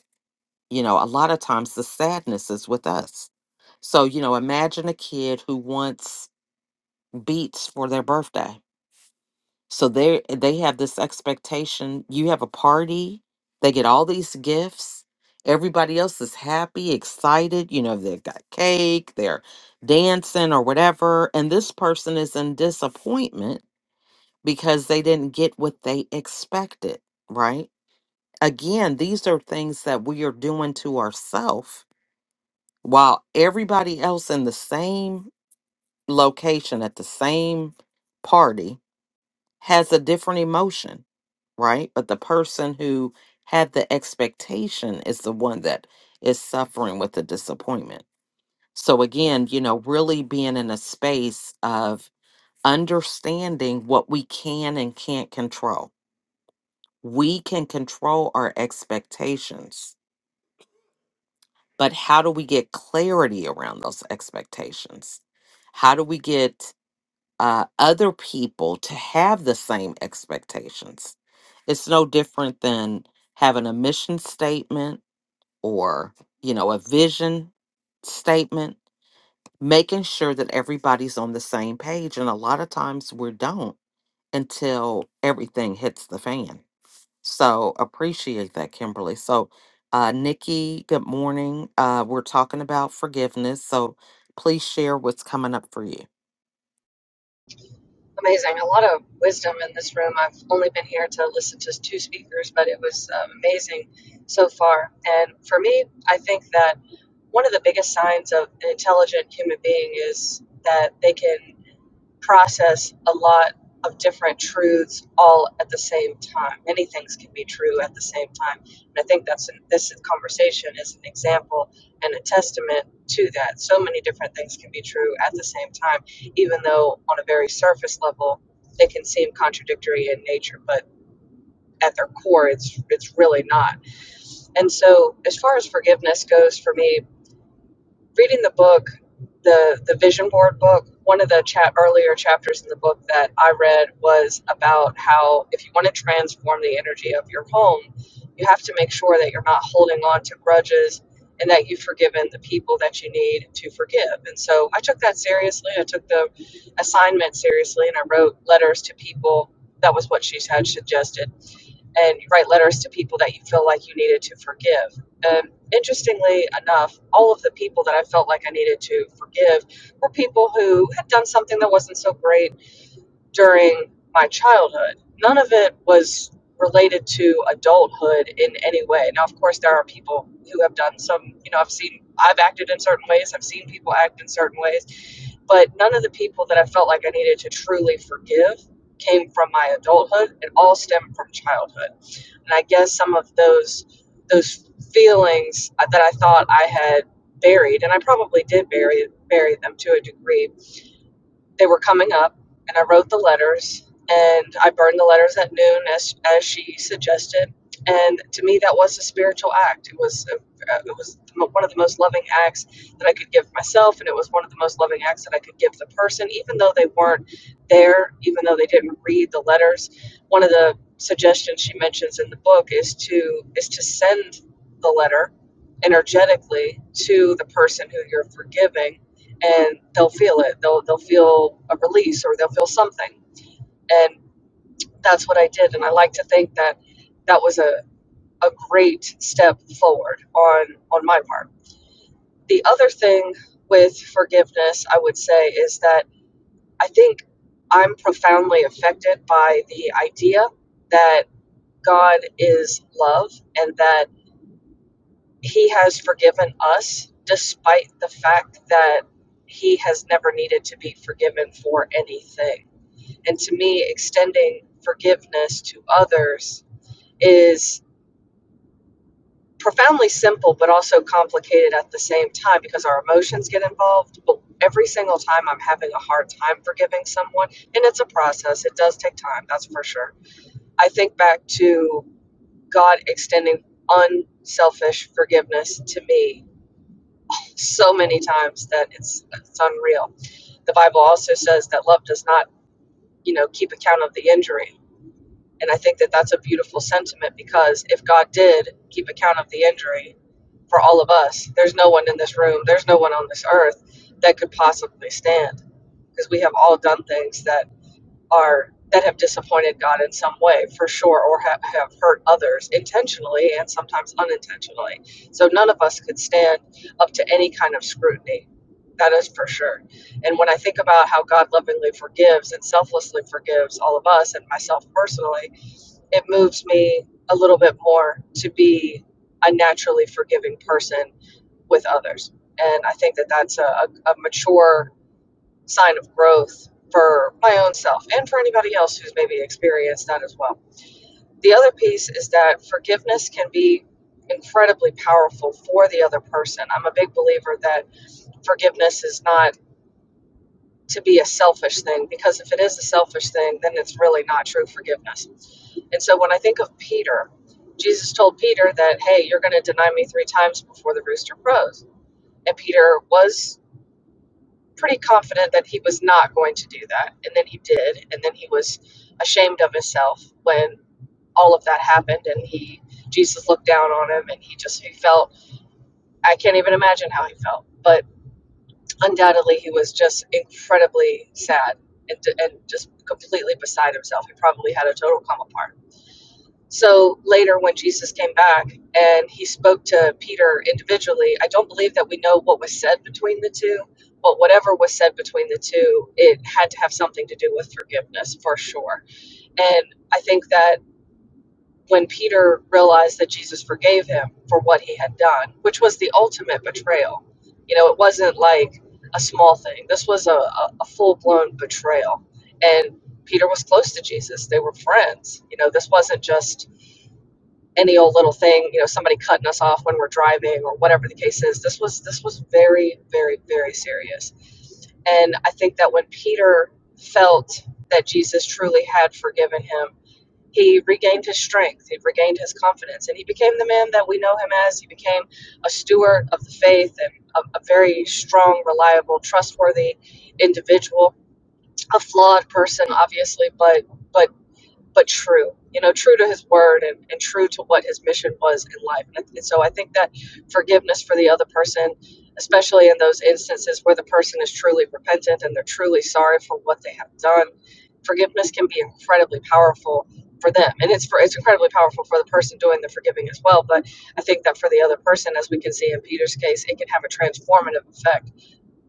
You know, a lot of times the sadness is with us. So, you know, imagine a kid who wants beats for their birthday. So they they have this expectation, you have a party, they get all these gifts. Everybody else is happy, excited, you know, they've got cake, they're dancing or whatever, and this person is in disappointment because they didn't get what they expected, right? Again, these are things that we are doing to ourselves while everybody else in the same location at the same party has a different emotion, right? But the person who had the expectation is the one that is suffering with the disappointment. So, again, you know, really being in a space of understanding what we can and can't control. We can control our expectations But how do we get clarity around those expectations? How do we get uh, other people to have the same expectations? It's no different than having a mission statement or, you know, a vision statement, making sure that everybody's on the same page. And a lot of times we don't until everything hits the fan. So appreciate that, Kimberly. So, uh, Nikki, good morning. Uh, we're talking about forgiveness. So please share what's coming up for you. Amazing. A lot of wisdom in this room. I've only been here to listen to two speakers, but it was um, amazing so far. And for me, I think that one of the biggest signs of an intelligent human being is that they can process a lot of different truths all at the same time. Many things can be true at the same time, and I think that's an, this conversation is an example and a testament to that. So many different things can be true at the same time, even though on a very surface level they can seem contradictory in nature, but at their core, it's it's really not. And so, as far as forgiveness goes, for me, reading the book, the the vision board book, one of the chat earlier chapters in the book that I read was about how if you want to transform the energy of your home, you have to make sure that you're not holding on to grudges and that you've forgiven the people that you need to forgive. And so I took that seriously. I took the assignment seriously and I wrote letters to people. That was what she had suggested and you write letters to people that you feel like you needed to forgive. And interestingly enough, all of the people that I felt like I needed to forgive were people who had done something that wasn't so great during my childhood. None of it was related to adulthood in any way. Now, of course, there are people who have done some, you know, I've seen, I've acted in certain ways, I've seen people act in certain ways, but none of the people that I felt like I needed to truly forgive came from my adulthood. It all stemmed from childhood and I guess some of those those feelings that I thought I had buried, and I probably did bury bury them to a degree, they were coming up, and I wrote the letters, and I burned the letters at noon, as as she suggested. And to me, that was a spiritual act. It was a, uh, it was one of the most loving acts that I could give myself, and it was one of the most loving acts that I could give the person, even though they weren't there, even though they didn't read the letters. One of the suggestions she mentions in the book is to is to send the letter energetically to the person who you're forgiving and they'll feel it. They'll they'll feel a release or they'll feel something. And that's what I did. And I like to think that that was a, a great step forward on on my part. The other thing with forgiveness, I would say, is that I think I'm profoundly affected by the idea that God is love and that He has forgiven us despite the fact that He has never needed to be forgiven for anything And to me, extending forgiveness to others is profoundly simple, but also complicated at the same time because our emotions get involved. But every single time I'm having a hard time forgiving someone, and it's a process, it does take time, that's for sure. I think back to God extending unselfish forgiveness to me so many times that it's, it's unreal. The Bible also says that love does not, you know, keep account of the injury And I think that that's a beautiful sentiment because if God did keep account of the injury for all of us, there's no one in this room, there's no one on this earth that could possibly stand because we have all done things that are that have disappointed God in some way, for sure, or have, have hurt others intentionally and sometimes unintentionally. So none of us could stand up to any kind of scrutiny. That is for sure. And when I think about how God lovingly forgives and selflessly forgives all of us and myself personally, it moves me a little bit more to be a naturally forgiving person with others. And I think that that's a, a, mature sign of growth for my own self and for anybody else who's maybe experienced that as well. The other piece is that forgiveness can be incredibly powerful for the other person. I'm a big believer that forgiveness is not to be a selfish thing because if it is a selfish thing, then it's really not true forgiveness. And so when I think of Peter, Jesus told Peter that, hey, you're going to deny me three times before the rooster crows. And Peter was pretty confident that he was not going to do that. And then he did. And then he was ashamed of himself when all of that happened. And he, Jesus looked down on him and he just, he felt, I can't even imagine how he felt. But Undoubtedly, he was just incredibly sad and, and just completely beside himself. He probably had a total come apart. So later, when Jesus came back and he spoke to Peter individually, I don't believe that we know what was said between the two, but whatever was said between the two, it had to have something to do with forgiveness for sure. And I think that when Peter realized that Jesus forgave him for what he had done, which was the ultimate betrayal. You know, it wasn't like a small thing, this was a, a, a full blown betrayal. And Peter was close to Jesus, they were friends. You know, this wasn't just any old little thing you know somebody cutting us off when we're driving or whatever the case is this was this was very very very serious and i think that when peter felt that jesus truly had forgiven him he regained his strength, he regained his confidence, and he became the man that we know him as. He became a steward of the faith and a, a very strong, reliable, trustworthy individual, a flawed person, obviously, but. But but true, you know, true to his word and, and true to what his mission was in life. And, and so I think that forgiveness for the other person, especially in those instances where the person is truly repentant and they're truly sorry for what they have done, forgiveness can be incredibly powerful for them. And it's for, it's incredibly powerful for the person doing the forgiving as well. But I think that for the other person, as we can see in Peter's case, it can have a transformative effect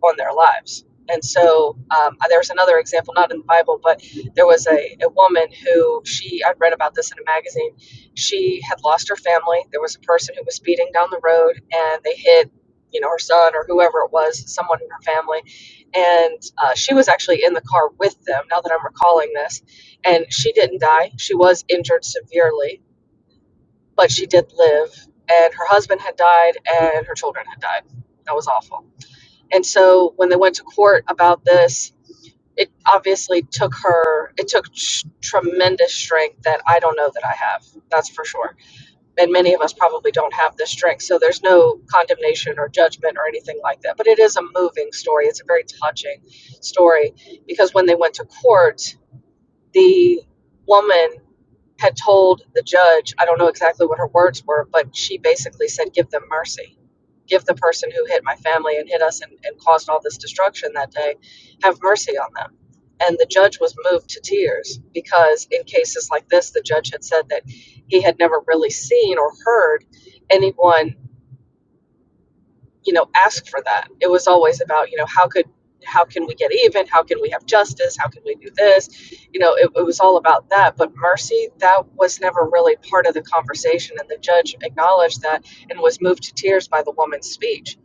on their lives. And so um, there's another example, not in the Bible, but there was a, a woman who she, I'd read about this in a magazine. She had lost her family. There was a person who was speeding down the road and they hit, you know, her son or whoever it was, someone in her family. And uh, she was actually in the car with them, now that I'm recalling this. And she didn't die. She was injured severely, but she did live. And her husband had died and her children had died. That was awful and so when they went to court about this, it obviously took her, it took tr- tremendous strength that I don't know that I have. That's for sure. And many of us probably don't have this strength. So there's no condemnation or judgment or anything like that. But it is a moving story. It's a very touching story because when they went to court, the woman had told the judge, I don't know exactly what her words were, but she basically said, Give them mercy. Give the person who hit my family and hit us and, and caused all this destruction that day, have mercy on them. And the judge was moved to tears because, in cases like this, the judge had said that he had never really seen or heard anyone you know ask for that it was always about you know how could how can we get even how can we have justice how can we do this you know it, it was all about that but mercy that was never really part of the conversation and the judge acknowledged that and was moved to tears by the woman's speech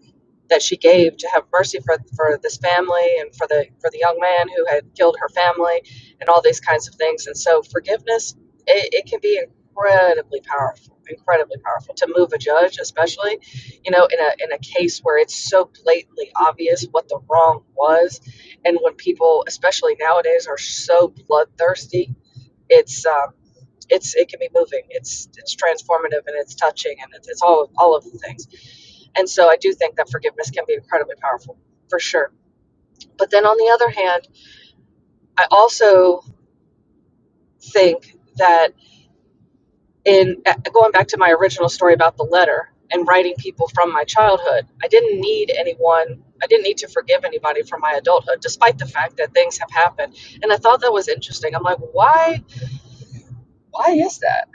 that she gave to have mercy for, for this family and for the for the young man who had killed her family and all these kinds of things. And so forgiveness it, it can be incredibly powerful, incredibly powerful to move a judge, especially, you know, in a in a case where it's so blatantly obvious what the wrong was. And when people, especially nowadays, are so bloodthirsty, it's um, it's it can be moving. It's it's transformative and it's touching and it's, it's all all of the things. And so I do think that forgiveness can be incredibly powerful, for sure. But then on the other hand, I also think that in uh, going back to my original story about the letter and writing people from my childhood, I didn't need anyone, I didn't need to forgive anybody from my adulthood, despite the fact that things have happened. And I thought that was interesting. I'm like, why? Why is that?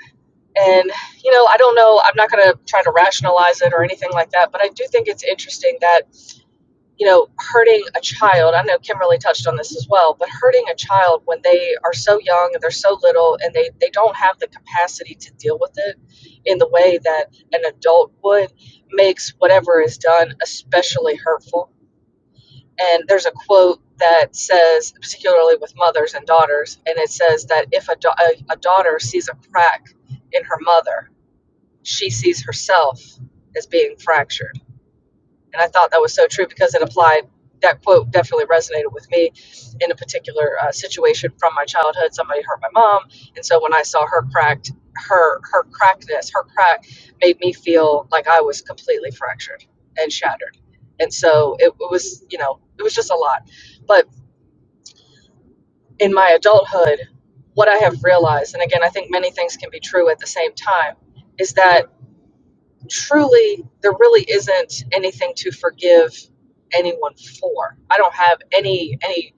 And, you know, I don't know. I'm not going to try to rationalize it or anything like that. But I do think it's interesting that you know, hurting a child. I know Kimberly touched on this as well, but hurting a child when they are so young and they're so little and they, they don't have the capacity to deal with it in the way that an adult would makes whatever is done especially hurtful. And there's a quote that says, particularly with mothers and daughters, and it says that if a, da- a, a daughter sees a crack in her mother, she sees herself as being fractured and I thought that was so true because it applied, that quote definitely resonated with me in a particular uh, situation from my childhood. Somebody hurt my mom. And so when I saw her cracked, her, her crackness, her crack made me feel like I was completely fractured and shattered. And so it, it was, you know, it was just a lot. But in my adulthood, what I have realized, and again, I think many things can be true at the same time, is that truly there really isn't anything to forgive anyone for i don't have any any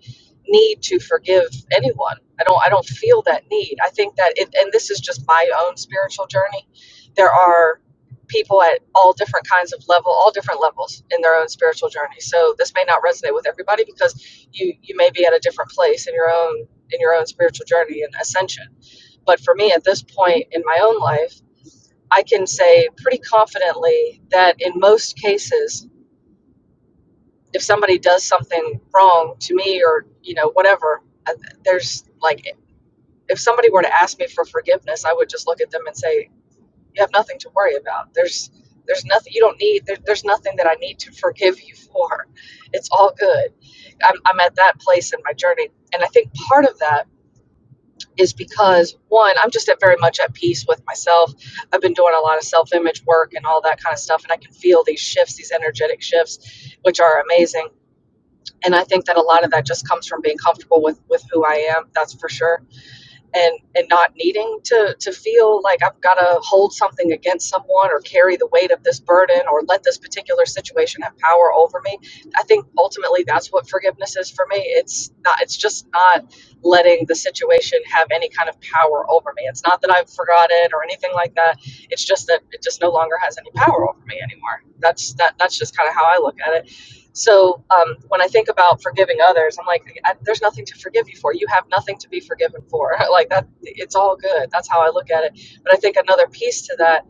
need to forgive anyone i don't i don't feel that need i think that it, and this is just my own spiritual journey there are people at all different kinds of level all different levels in their own spiritual journey so this may not resonate with everybody because you you may be at a different place in your own in your own spiritual journey and ascension but for me at this point in my own life I can say pretty confidently that in most cases, if somebody does something wrong to me or, you know, whatever, uh, there's like, if somebody were to ask me for forgiveness, I would just look at them and say, you have nothing to worry about. There's, there's nothing you don't need. There, there's nothing that I need to forgive you for. It's all good. I'm, I'm at that place in my journey. And I think part of that is because one, I'm just at very much at peace with myself. I've been doing a lot of self image work and all that kind of stuff, and I can feel these shifts, these energetic shifts, which are amazing. And I think that a lot of that just comes from being comfortable with with who I am. That's for sure and and not needing to to feel like I've got to hold something against someone or carry the weight of this burden or let this particular situation have power over me. I think ultimately that's what forgiveness is for me. It's not it's just not letting the situation have any kind of power over me. It's not that I've forgotten or anything like that. It's just that it just no longer has any power over me anymore. That's that that's just kind of how I look at it so um, when I think about forgiving others, I'm like, I, there's nothing to forgive you for. You have nothing to be forgiven for. like that, it's all good. That's how I look at it. But I think another piece to that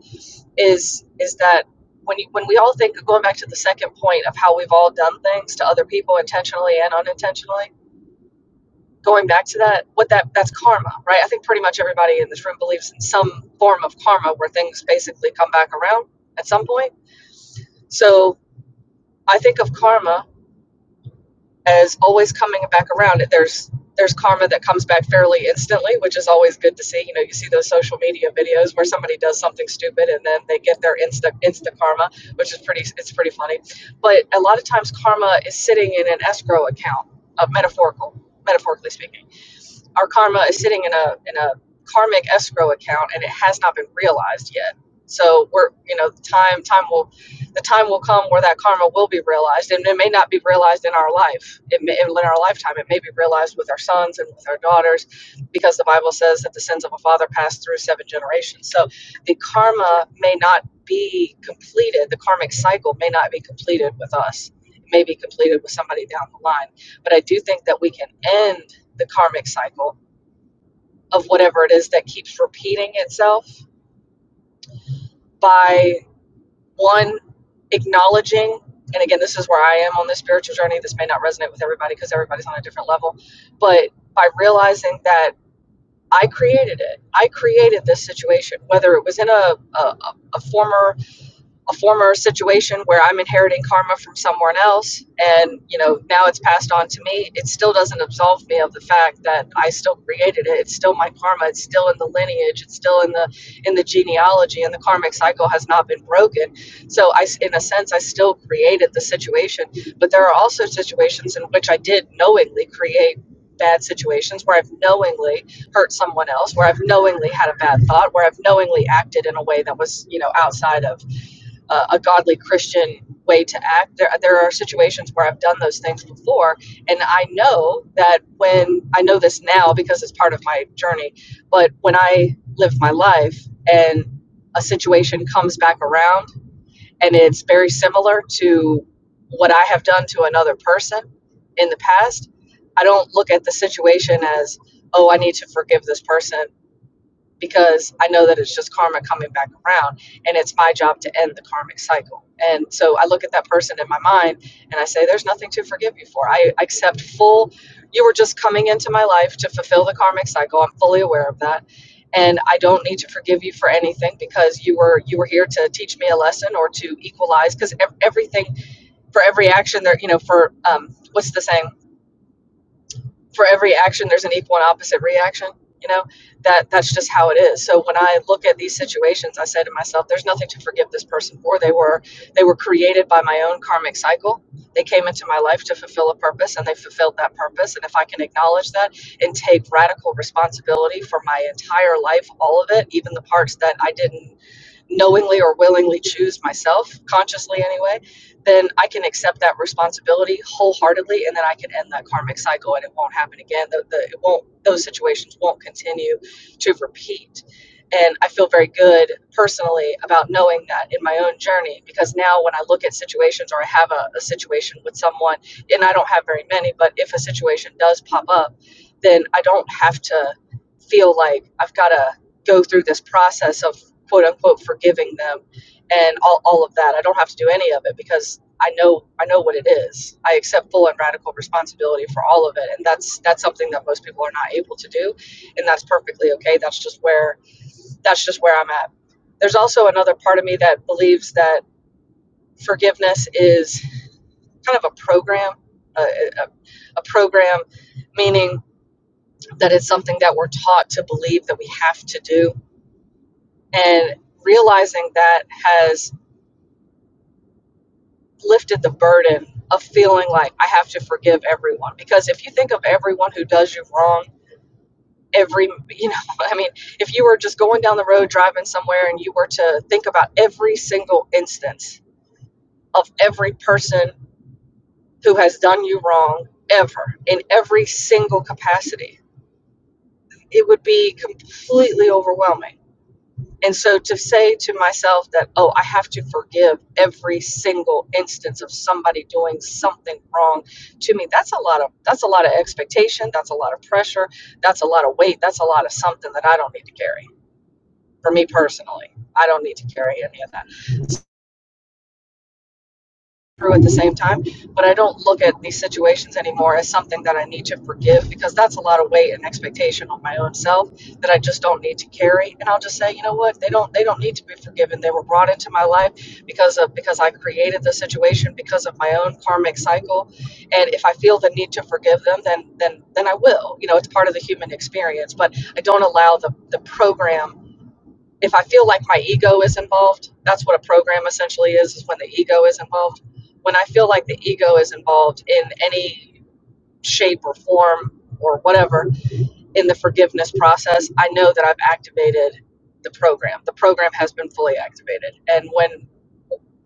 is is that when you, when we all think going back to the second point of how we've all done things to other people intentionally and unintentionally. Going back to that, what that that's karma, right? I think pretty much everybody in this room believes in some form of karma where things basically come back around at some point. So I think of karma as always coming back around there's there's karma that comes back fairly instantly which is always good to see you know you see those social media videos where somebody does something stupid and then they get their insta insta karma which is pretty it's pretty funny but a lot of times karma is sitting in an escrow account uh, metaphorical metaphorically speaking our karma is sitting in a in a karmic escrow account and it has not been realized yet so we're you know time time will the time will come where that karma will be realized and it may not be realized in our life it may in our lifetime it may be realized with our sons and with our daughters because the bible says that the sins of a father pass through seven generations so the karma may not be completed the karmic cycle may not be completed with us it may be completed with somebody down the line but i do think that we can end the karmic cycle of whatever it is that keeps repeating itself by one acknowledging and again this is where i am on this spiritual journey this may not resonate with everybody because everybody's on a different level but by realizing that i created it i created this situation whether it was in a, a, a former a former situation where I'm inheriting karma from someone else and you know now it's passed on to me it still doesn't absolve me of the fact that I still created it it's still my karma it's still in the lineage it's still in the in the genealogy and the karmic cycle has not been broken so I in a sense I still created the situation but there are also situations in which I did knowingly create bad situations where I've knowingly hurt someone else where I've knowingly had a bad thought where I've knowingly acted in a way that was you know outside of uh, a godly Christian way to act. There, there are situations where I've done those things before, and I know that when I know this now because it's part of my journey, but when I live my life and a situation comes back around and it's very similar to what I have done to another person in the past, I don't look at the situation as, oh, I need to forgive this person because I know that it's just karma coming back around and it's my job to end the karmic cycle. And so I look at that person in my mind and I say, There's nothing to forgive you for. I accept full, you were just coming into my life to fulfill the karmic cycle. I'm fully aware of that. And I don't need to forgive you for anything because you were you were here to teach me a lesson or to equalize because everything for every action there you know for um, what's the saying for every action there's an equal and opposite reaction you know that that's just how it is so when i look at these situations i say to myself there's nothing to forgive this person for they were they were created by my own karmic cycle they came into my life to fulfill a purpose and they fulfilled that purpose and if i can acknowledge that and take radical responsibility for my entire life all of it even the parts that i didn't knowingly or willingly choose myself, consciously anyway, then I can accept that responsibility wholeheartedly, and then I can end that karmic cycle, and it won't happen again. The, the, it won't; those situations won't continue to repeat. And I feel very good personally about knowing that in my own journey, because now when I look at situations or I have a, a situation with someone, and I don't have very many, but if a situation does pop up, then I don't have to feel like I've got to go through this process of quote unquote forgiving them and all, all of that. I don't have to do any of it because I know I know what it is. I accept full and radical responsibility for all of it. And that's that's something that most people are not able to do. And that's perfectly okay. That's just where that's just where I'm at. There's also another part of me that believes that forgiveness is kind of a program, a, a, a program, meaning that it's something that we're taught to believe that we have to do. And realizing that has lifted the burden of feeling like I have to forgive everyone. Because if you think of everyone who does you wrong, every, you know, I mean, if you were just going down the road driving somewhere and you were to think about every single instance of every person who has done you wrong ever in every single capacity, it would be completely overwhelming. And so to say to myself that, oh, I have to forgive every single instance of somebody doing something wrong to me, that's a lot of that's a lot of expectation, that's a lot of pressure, that's a lot of weight, that's a lot of something that I don't need to carry. For me personally, I don't need to carry any of that. through at the same time. But I don't look at these situations anymore as something that I need to forgive because that's a lot of weight and expectation on my own self that I just don't need to carry. And I'll just say, you know what, they don't they don't need to be forgiven. They were brought into my life because of because I created the situation because of my own karmic cycle. And if I feel the need to forgive them, then then then I will. You know, it's part of the human experience. But I don't allow the, the program if I feel like my ego is involved, that's what a program essentially is, is when the ego is involved. When I feel like the ego is involved in any shape or form or whatever in the forgiveness process, I know that I've activated the program. The program has been fully activated. And when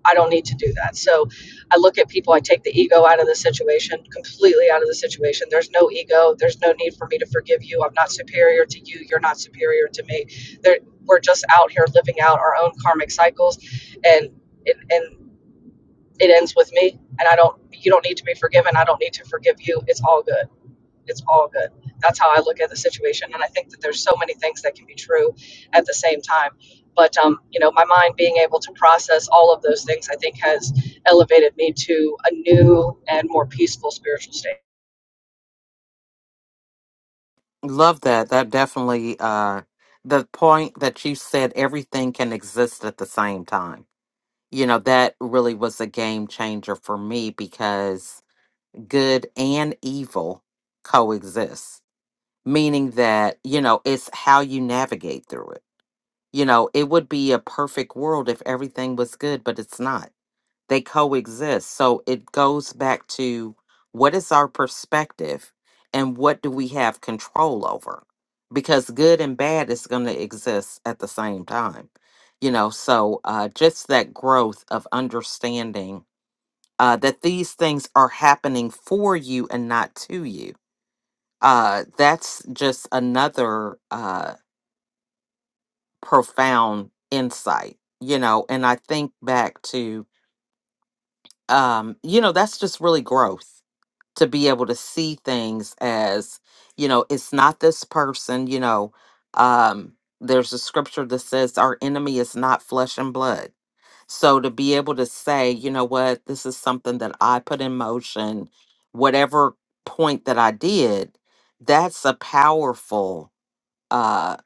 I don't need to do that. So I look at people, I take the ego out of the situation, completely out of the situation. There's no ego. There's no need for me to forgive you. I'm not superior to you. You're not superior to me. There, we're just out here living out our own karmic cycles and it, and it ends with me and I don't you don't need to be forgiven. I don't need to forgive you. It's all good. It's all good. That's how I look at the situation. And I think that there's so many things that can be true at the same time. But, um, you know, my mind being able to process all of those things, I think, has elevated me to a new and more peaceful spiritual state. Love that. That definitely, uh, the point that you said everything can exist at the same time. You know, that really was a game changer for me because good and evil coexist, meaning that, you know, it's how you navigate through it You know, it would be a perfect world if everything was good, but it's not. They coexist. So it goes back to what is our perspective and what do we have control over? Because good and bad is going to exist at the same time. You know, so uh, just that growth of understanding uh, that these things are happening for you and not to you. Uh, that's just another. Uh, profound insight you know and i think back to um you know that's just really growth to be able to see things as you know it's not this person you know um there's a scripture that says our enemy is not flesh and blood so to be able to say you know what this is something that i put in motion whatever point that i did that's a powerful uh,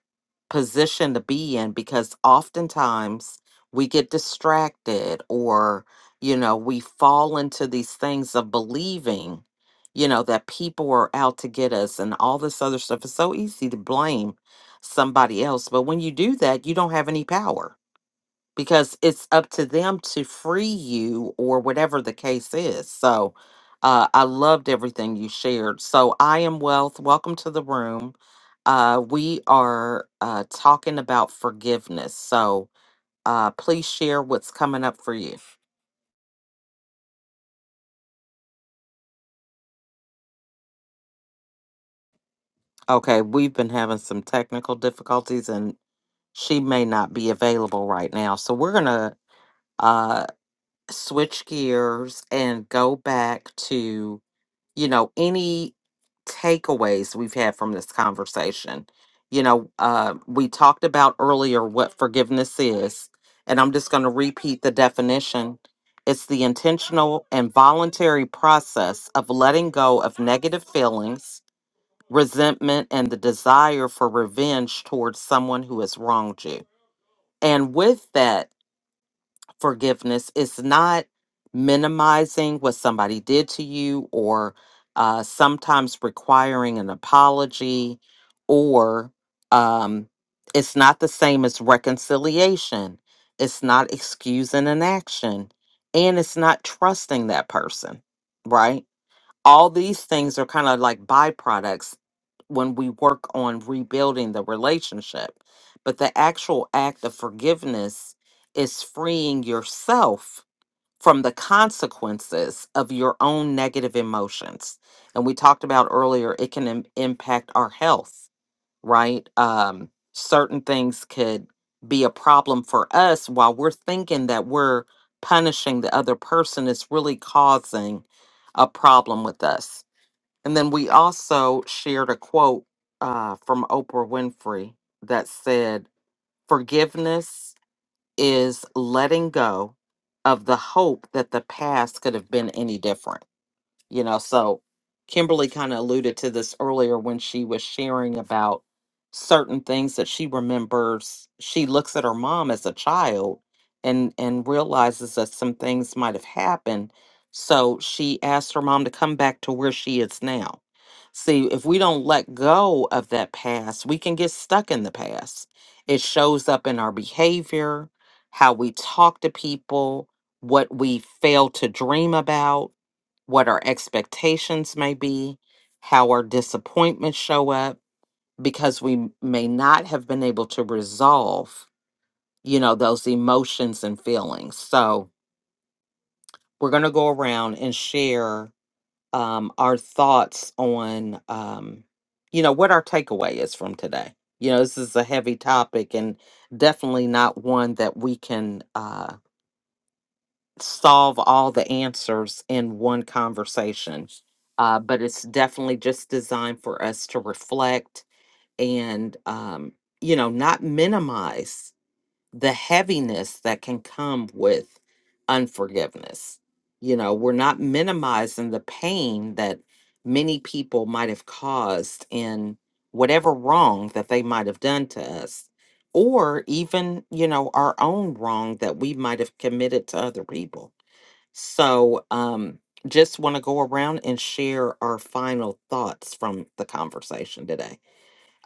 position to be in because oftentimes we get distracted or you know we fall into these things of believing you know that people are out to get us and all this other stuff it's so easy to blame somebody else but when you do that you don't have any power because it's up to them to free you or whatever the case is. So uh, I loved everything you shared. So I am Wealth. Welcome to the room. Uh, we are uh, talking about forgiveness. So uh, please share what's coming up for you. Okay, we've been having some technical difficulties and she may not be available right now. So we're going to uh, switch gears and go back to. you know, any takeaways we've had from this conversation. You know, uh, we talked about earlier what forgiveness is, and I'm just going to repeat the definition. It's the intentional and voluntary process of letting go of negative feelings, resentment, and the desire for revenge towards someone who has wronged you. And with that, forgiveness. It's not minimizing what somebody did to you or uh, sometimes requiring an apology, or um, it's not the same as reconciliation. It's not excusing an action, and it's not trusting that person, right? all these things are kind of like byproducts when we work on rebuilding the relationship. But the actual act of forgiveness is freeing yourself from the consequences of your own negative emotions. And we talked about earlier, it can im- impact our health, right? Um, certain things could be a problem for us while we're thinking that we're punishing the other person, it's really causing a problem with us. And then we also shared a quote uh, from Oprah Winfrey that said, Forgiveness is letting go of the hope that the past could have been any different you know so kimberly kind of alluded to this earlier when she was sharing about certain things that she remembers she looks at her mom as a child and and realizes that some things might have happened so she asked her mom to come back to where she is now see if we don't let go of that past we can get stuck in the past it shows up in our behavior how we talk to people what we fail to dream about what our expectations may be, how our disappointments show up, because we m- may not have been able to resolve, you know, those emotions and feelings. So we're going to go around and share um, our thoughts on, um, you know, what our takeaway is from today. You know, this is a heavy topic and definitely not one that we can. uh, solve all the answers in one conversation. Uh, but it's definitely just designed for us to reflect and, um, you know, not minimize the heaviness that can come with unforgiveness. You know, we're not minimizing the pain that many people might have caused in whatever wrong that they might have done to us, or even, you know, our own wrong that we might have committed to other people so, um, just want to go around and share our final thoughts from the conversation today.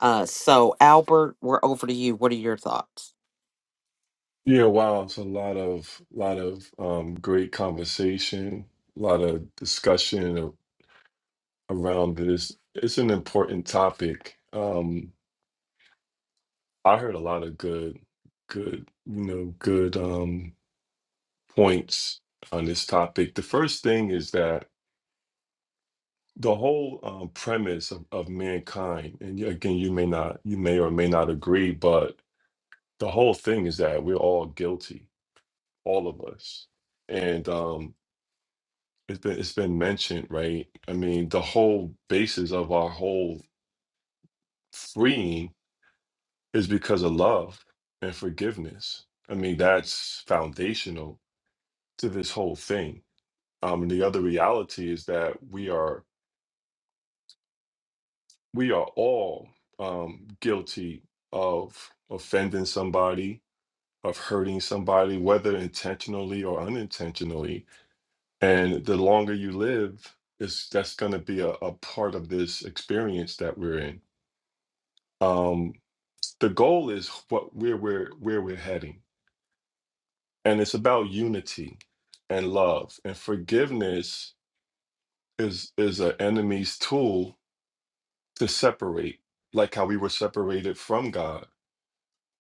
Uh, so, Albert, we're over to you. What are your thoughts? Yeah, wow, it's a lot of lot of um, great conversation, a lot of discussion a- around this. It's an important topic. Um, I heard a lot of good, good, you know, good um, points on this topic. The first thing is that the whole um, premise of, of mankind, and you- again, you may not, you may or may not agree, but the whole thing is that we're all guilty, all of us, and um, it's been it's been mentioned, right? I mean, the whole basis of our whole freeing is because of love and forgiveness. I mean, that's foundational to this whole thing. Um, and the other reality is that we are we are all um, guilty of offending somebody, of hurting somebody, whether intentionally or unintentionally. And the longer you live, is that's going to be a, a part of this experience that we're in um, the goal is what where we're where we're heading and it's about unity and love and forgiveness is is an enemy's tool to separate like how we were separated from god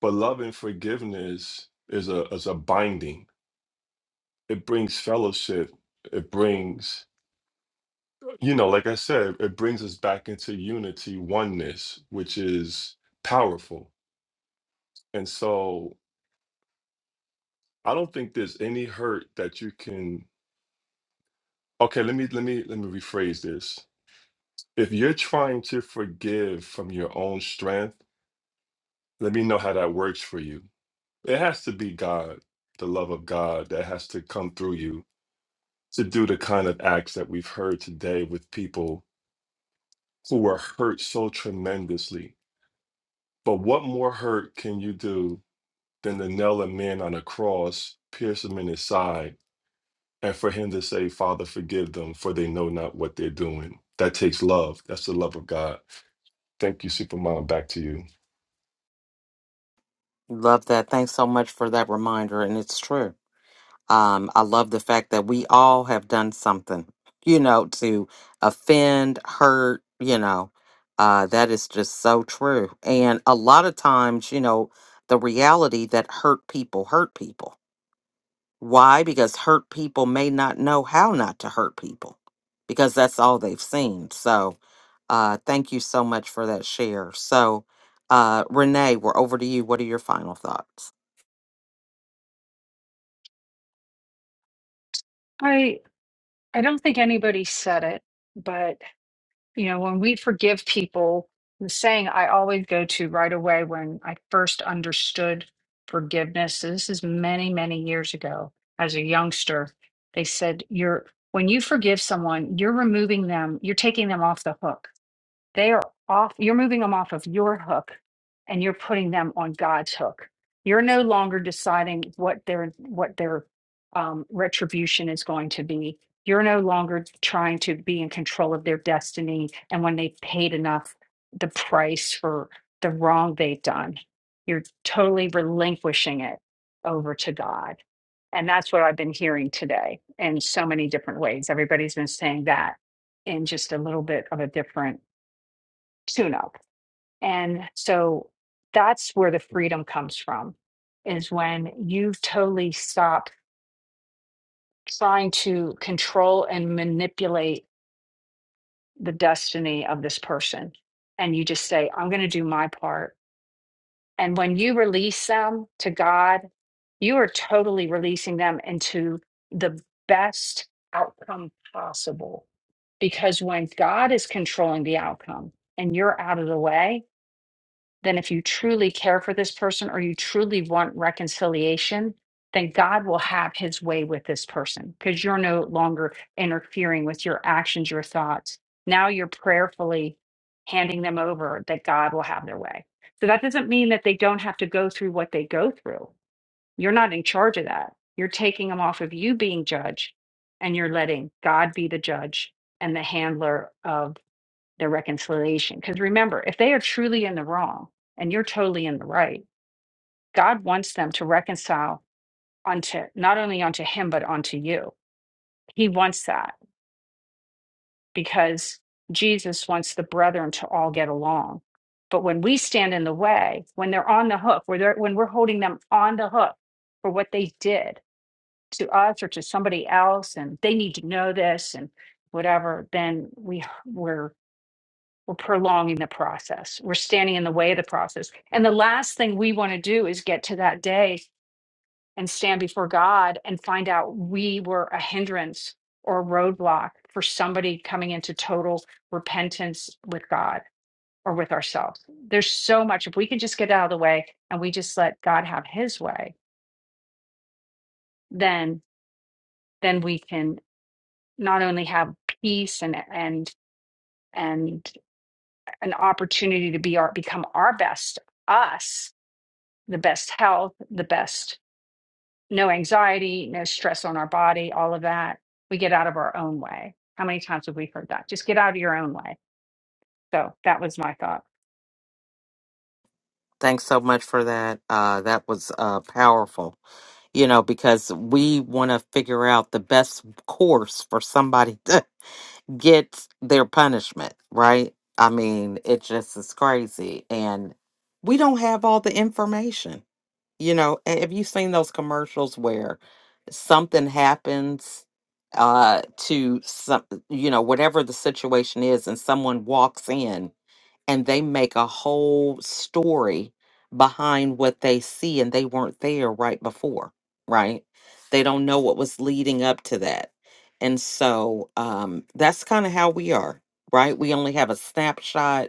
but love and forgiveness is a is a binding it brings fellowship it brings you know like i said it brings us back into unity oneness which is powerful and so i don't think there's any hurt that you can Okay, let me let me let me rephrase this. If you're trying to forgive from your own strength, let me know how that works for you. It has to be God, the love of God that has to come through you to do the kind of acts that we've heard today with people who were hurt so tremendously. But what more hurt can you do than to nail a man on a cross, pierce him in his side, and for him to say, Father, forgive them, for they know not what they're doing? That takes love. That's the love of God. Thank you, Supermom. Back to you. Love that. Thanks so much for that reminder. And it's true. Um, I love the fact that we all have done something, you know, to offend, hurt, you know. Uh, that is just so true. And a lot of times, you know, the reality that hurt people hurt people Why? Because hurt people may not know how not to hurt people because that's all they've seen. So, uh, thank you so much for that share. So, uh, Renee, we're over to you. What are your final thoughts? I I don't think anybody said it, but you know, when we forgive people, the saying I always go to right away when I first understood forgiveness, so this is many, many years ago as a youngster, they said you're when you forgive someone, you're removing them, you're taking them off the hook They are off, you're moving them off of your hook and you're putting them on God's hook. You're no longer deciding what their what their um, retribution is going to be. You're no longer trying to be in control of their destiny and when they've paid enough the price for the wrong they've done. You're totally relinquishing it over to God. And that's what I've been hearing today in so many different ways. Everybody's been saying that in just a little bit of a different tune up. And so that's where the freedom comes from is when you totally stop trying to control and manipulate the destiny of this person. And you just say, I'm going to do my part. And when you release them to God, you are totally releasing them into the best outcome possible. Because when God is controlling the outcome and you're out of the way, then if you truly care for this person or you truly want reconciliation, then God will have his way with this person because you're no longer interfering with your actions, your thoughts. Now you're prayerfully handing them over that God will have their way. So that doesn't mean that they don't have to go through what they go through. You're not in charge of that. You're taking them off of you being judge and you're letting God be the judge and the handler of their reconciliation. Because remember, if they are truly in the wrong and you're totally in the right, God wants them to reconcile unto not only unto Him, but unto you. He wants that because Jesus wants the brethren to all get along. But when we stand in the way, when they're on the hook, when, they're, when we're holding them on the hook for what they did to us or to somebody else, and they need to know this and whatever, then we we're we're prolonging the process. We're standing in the way of the process. And the last thing we want to do is get to that day and stand before God and find out we were a hindrance or a roadblock for somebody coming into total repentance with God or with ourselves. There's so much if we can just get out of the way and we just let God have his way, then then we can not only have peace and and and an opportunity to be our become our best us the best health, the best, no anxiety, no stress on our body, all of that. We get out of our own way. How many times have we heard that? Just get out of your own way. So that was my thought. Thanks so much for that. Uh, that was uh, powerful, you know, because we want to figure out the best course for somebody to get their punishment, right? I mean, it just is crazy. And we don't have all the information you know a- have you seen those commercials where something happens uh to some you know whatever the situation is and someone walks in and they make a whole story behind what they see and they weren't there right before right they don't know what was leading up to that and so um that's kind of how we are right we only have a snapshot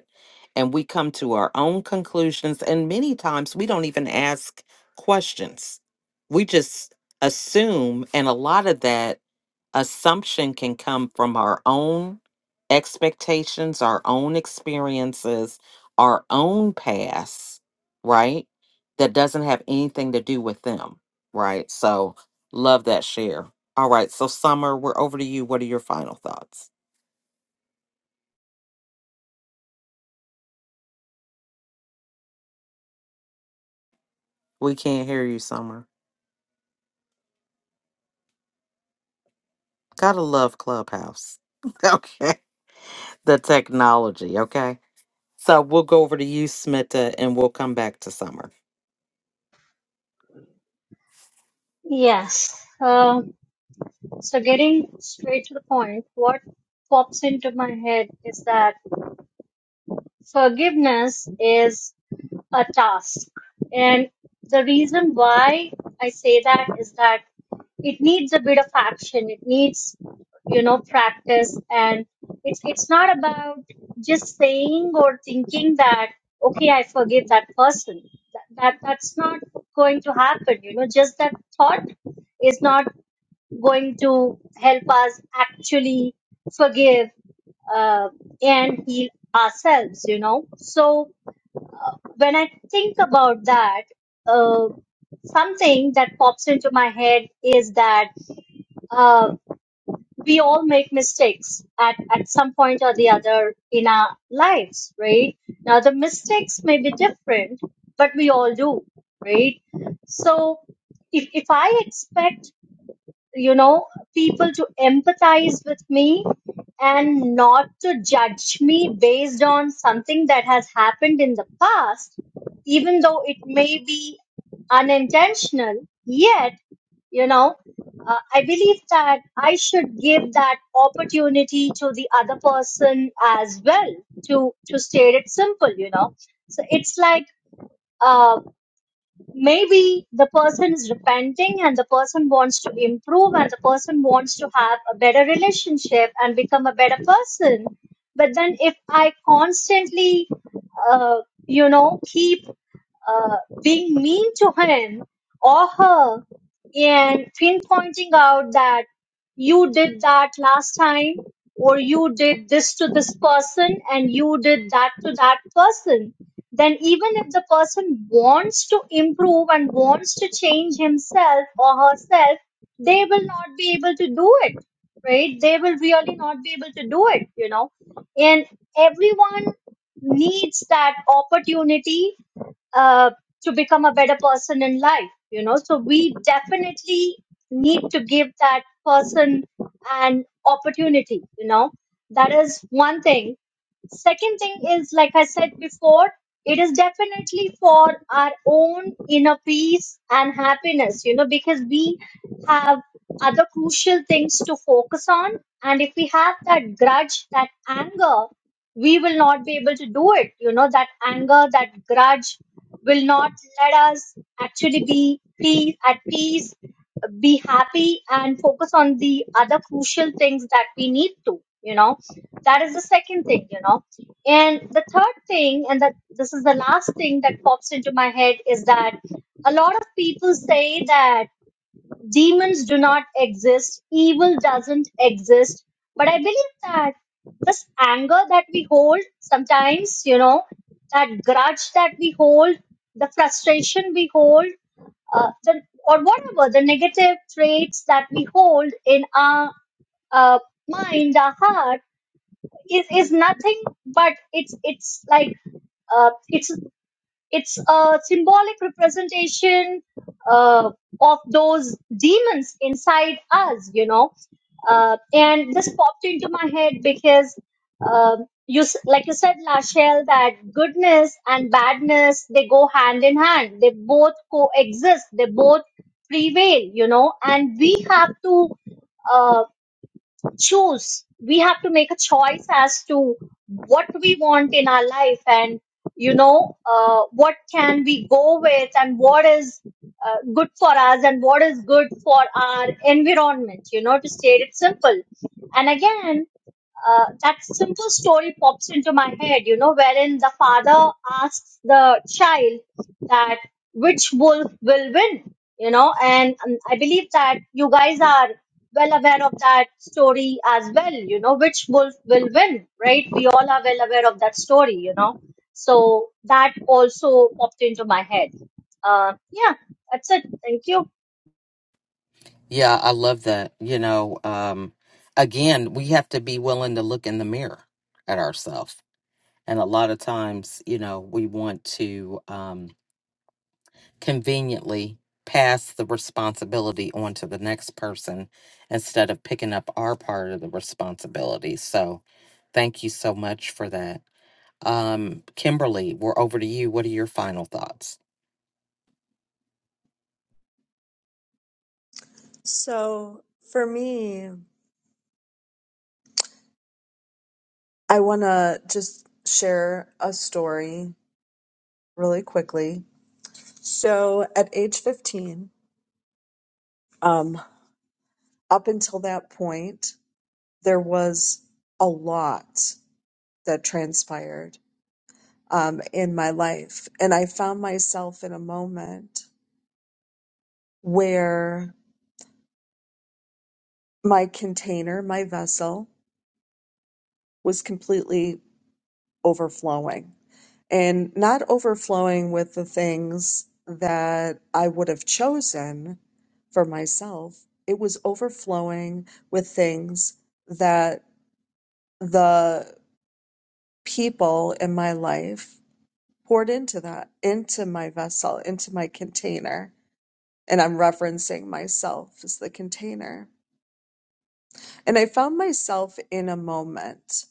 and we come to our own conclusions and many times we don't even ask questions we just assume and a lot of that Assumption can come from our own expectations, our own experiences, our own past, right? That doesn't have anything to do with them, right? So, love that share. All right. So, Summer, we're over to you. What are your final thoughts? We can't hear you, Summer. Gotta love Clubhouse. okay. The technology. Okay. So, we'll go over to you, Smita, and we'll come back to Summer. yes So getting straight to the point, what pops into my head is that forgiveness is a task. And the reason why I say that is that it needs a bit of action. It needs, you know, practice. And it's, it's not about just saying or thinking that, okay, I forgive that person. That, that, that's not going to happen. You know, just that thought is not going to help us actually forgive uh, and heal ourselves, you know. So when I think about that, uh, something that pops into my head is that uh, we all make mistakes at, at some point or the other in our lives, right? Now, the mistakes may be different, but we all do, right? So if, if I expect you know, people to empathize with me and not to judge me based on something that has happened in the past, even though it may be unintentional. Yet, you know, uh, I believe that I should give that opportunity to the other person as well to to state it simple. You know, so it's like. uh, maybe the person is repenting and the person wants to improve and the person wants to have a better relationship and become a better person but then if i constantly uh, you know keep uh, being mean to him or her and pinpointing out that you did that last time or you did this to this person and you did that to that person then even if the person wants to improve and wants to change himself or herself they will not be able to do it right they will really not be able to do it you know and everyone needs that opportunity uh, to become a better person in life you know so we definitely need to give that person an opportunity you know that is one thing second thing is like i said before it is definitely for our own inner peace and happiness you know because we have other crucial things to focus on and if we have that grudge that anger we will not be able to do it you know that anger that grudge will not let us actually be peace, at peace, be happy, and focus on the other crucial things that we need to. You know, that is the second thing, you know. And the third thing, and that this is the last thing that pops into my head, is that a lot of people say that demons do not exist, evil doesn't exist. But I believe that this anger that we hold sometimes, you know, that grudge that we hold, the frustration we hold, uh, the, or whatever the negative traits that we hold in our uh, mind, our heart, is, is nothing but it's it's like uh, it's it's a symbolic representation uh, of those demons inside us, you know. Uh, and this popped into my head because um you, s- like you said, Lachelle, that goodness and badness they go hand in hand. They both coexist. They both prevail, you know. And we have to. uh, choose. We have to make a choice as to what we want in our life and, you know, uh, what can we go with and what is uh, good for us and what is good for our environment, you know, to state it simple. And again, uh, that simple story pops into my head, you know, wherein the father asks the child that which wolf will win, you know, and um, I believe that you guys are well aware of that story as well, you know, which wolf will win, right? We all are well aware of that story, you know. So that also popped into my head. Uh, yeah, that's it. Thank you. Yeah, I love that. You know, um, again, we have to be willing to look in the mirror at ourselves. And a lot of times, you know, we want to. Um, conveniently pass the responsibility on to the next person instead of picking up our part of the responsibility. So thank you so much for that. Um, Kimberly, we're over to you. What are your final thoughts? So for me, I want to just share a story really quickly. So at age 15, Um, up until that point, there was a lot that transpired um, in my life. And I found myself in a moment where my container, my vessel, was completely overflowing and not overflowing with the things that I would have chosen for myself. It was overflowing with things that the people in my life poured into that, into my vessel, into my container. And I'm referencing myself as the container. And I found myself in a moment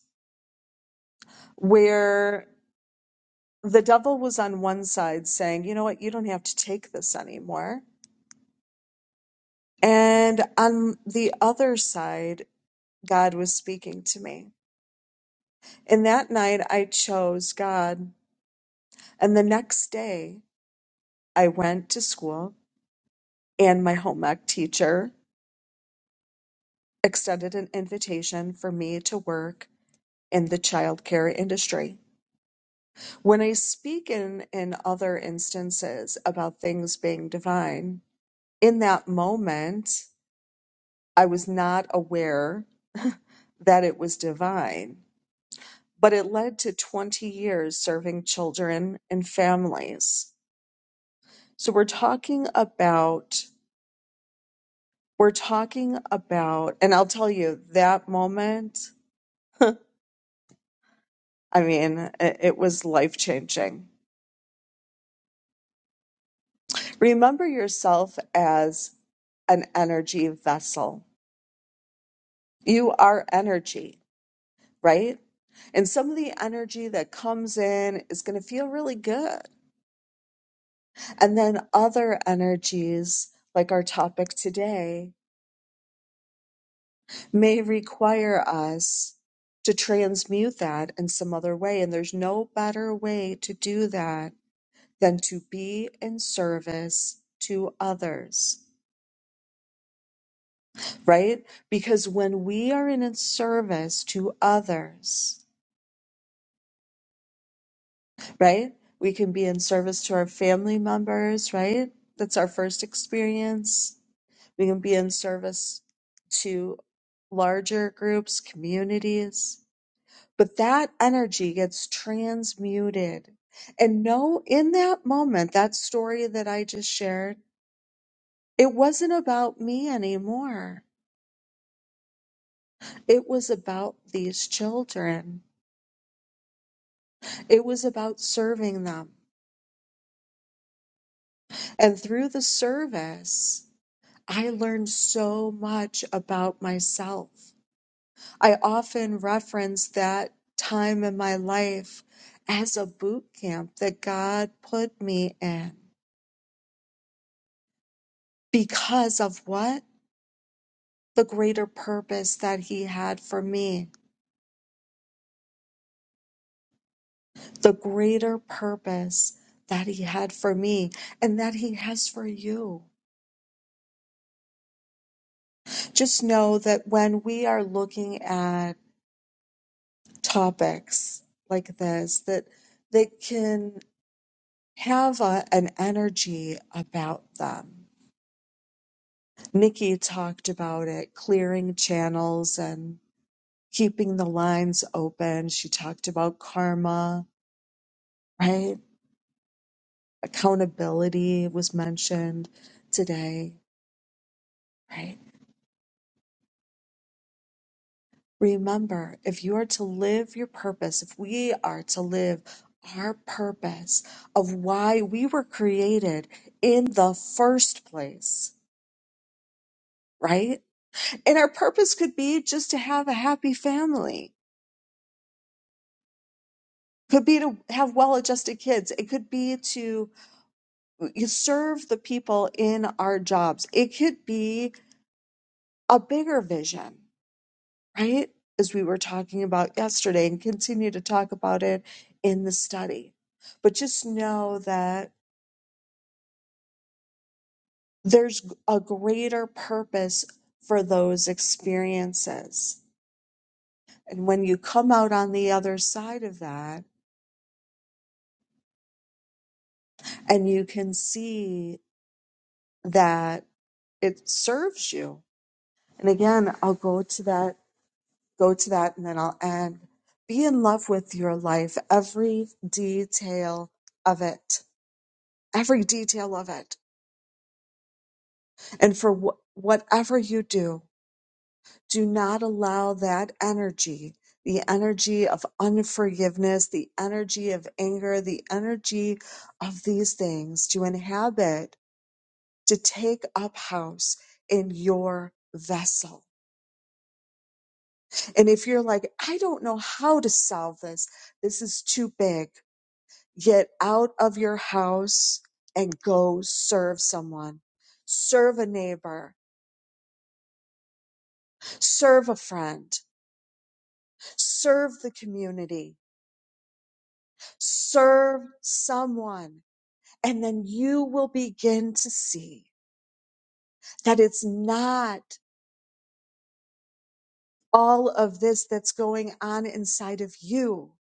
where the devil was on one side saying, you know what, you don't have to take this anymore. And on the other side, God was speaking to me. And that night I chose God. And the next day I went to school and my home ec teacher extended an invitation for me to work in the childcare industry. When I speak in, in other instances about things being divine, in that moment, I was not aware that it was divine, but it led to 20 years serving children and families. So we're talking about, we're talking about, and I'll tell you that moment, I mean, it, it was life changing Remember yourself as an energy vessel. You are energy, right? And some of the energy that comes in is going to feel really good. And then other energies, like our topic today, may require us to transmute that in some other way. And there's no better way to do that than to be in service to others. right? Because when we are in service to others, right? We can be in service to our family members, right? That's our first experience. We can be in service to larger groups, communities. But that energy gets transmuted. And no, in that moment, that story that I just shared, it wasn't about me anymore. It was about these children It was about serving them. And through the service, I learned so much about myself. I often reference that time in my life as a boot camp that God put me in because of what? The greater purpose that He had for me, the greater purpose that He had for me and that He has for you. Just know that when we are looking at topics like this that that can have a, an energy about them. Nikki talked about it, clearing channels and keeping the lines open. She talked about karma, right? Accountability was mentioned today, right? Remember, if you are to live your purpose, if we are to live our purpose of why we were created in the first place, right? And our purpose could be just to have a happy family, could be to have well adjusted kids, it could be to serve the people in our jobs, it could be a bigger vision right? As we were talking about yesterday and continue to talk about it in the study. But just know that there's a greater purpose for those experiences. And when you come out on the other side of that and you can see that it serves you. And again, I'll go to that, go to that, and then I'll end. Be in love with your life, every detail of it, every detail of it And for wh- whatever you do, do not allow that energy, the energy of unforgiveness, the energy of anger, the energy of these things to inhabit, to take up house in your vessel. And if you're like, I don't know how to solve this, this is too big, get out of your house and go serve someone, serve a neighbor, serve a friend serve the community, serve someone, and then you will begin to see that it's not all of this that's going on inside of you.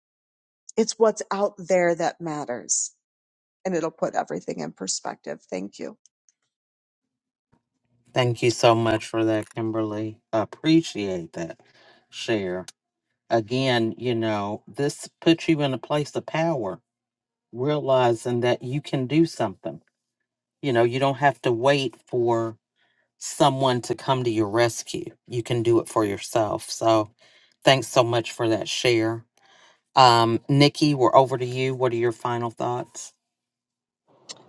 It's what's out there that matters. and it'll put everything in perspective. Thank you. Thank you so much for that, Kimberly. Appreciate that share. Again, you know, this puts you in a place of power, realizing that you can do something. You know, you don't have to wait for someone to come to your rescue. You can do it for yourself. So, thanks so much for that share. Um, Nikki, we're over to you. What are your final thoughts?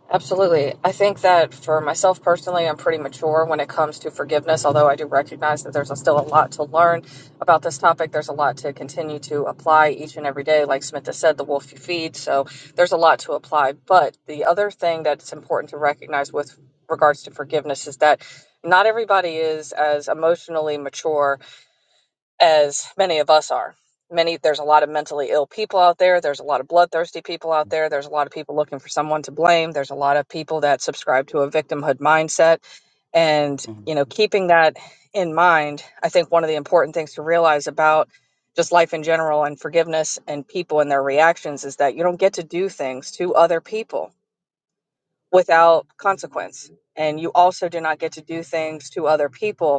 Absolutely. I think that for myself personally, I'm pretty mature when it comes to forgiveness, although I do recognize that there's still a lot to learn about this topic. There's a lot to continue to apply each and every day. Like Smith has said, the wolf you feed. So there's a lot to apply. But the other thing that's important to recognize with regards to forgiveness is that not everybody is as emotionally mature as many of us are. Many there's a lot of mentally ill people out there. There's a lot of bloodthirsty people out there. There's a lot of people looking for someone to blame. There's a lot of people that subscribe to a victimhood mindset. And, Mhm. you know, keeping that in mind, I think one of the important things to realize about just life in general and forgiveness and people and their reactions is that you don't get to do things to other people without consequence. And you also do not get to do things to other people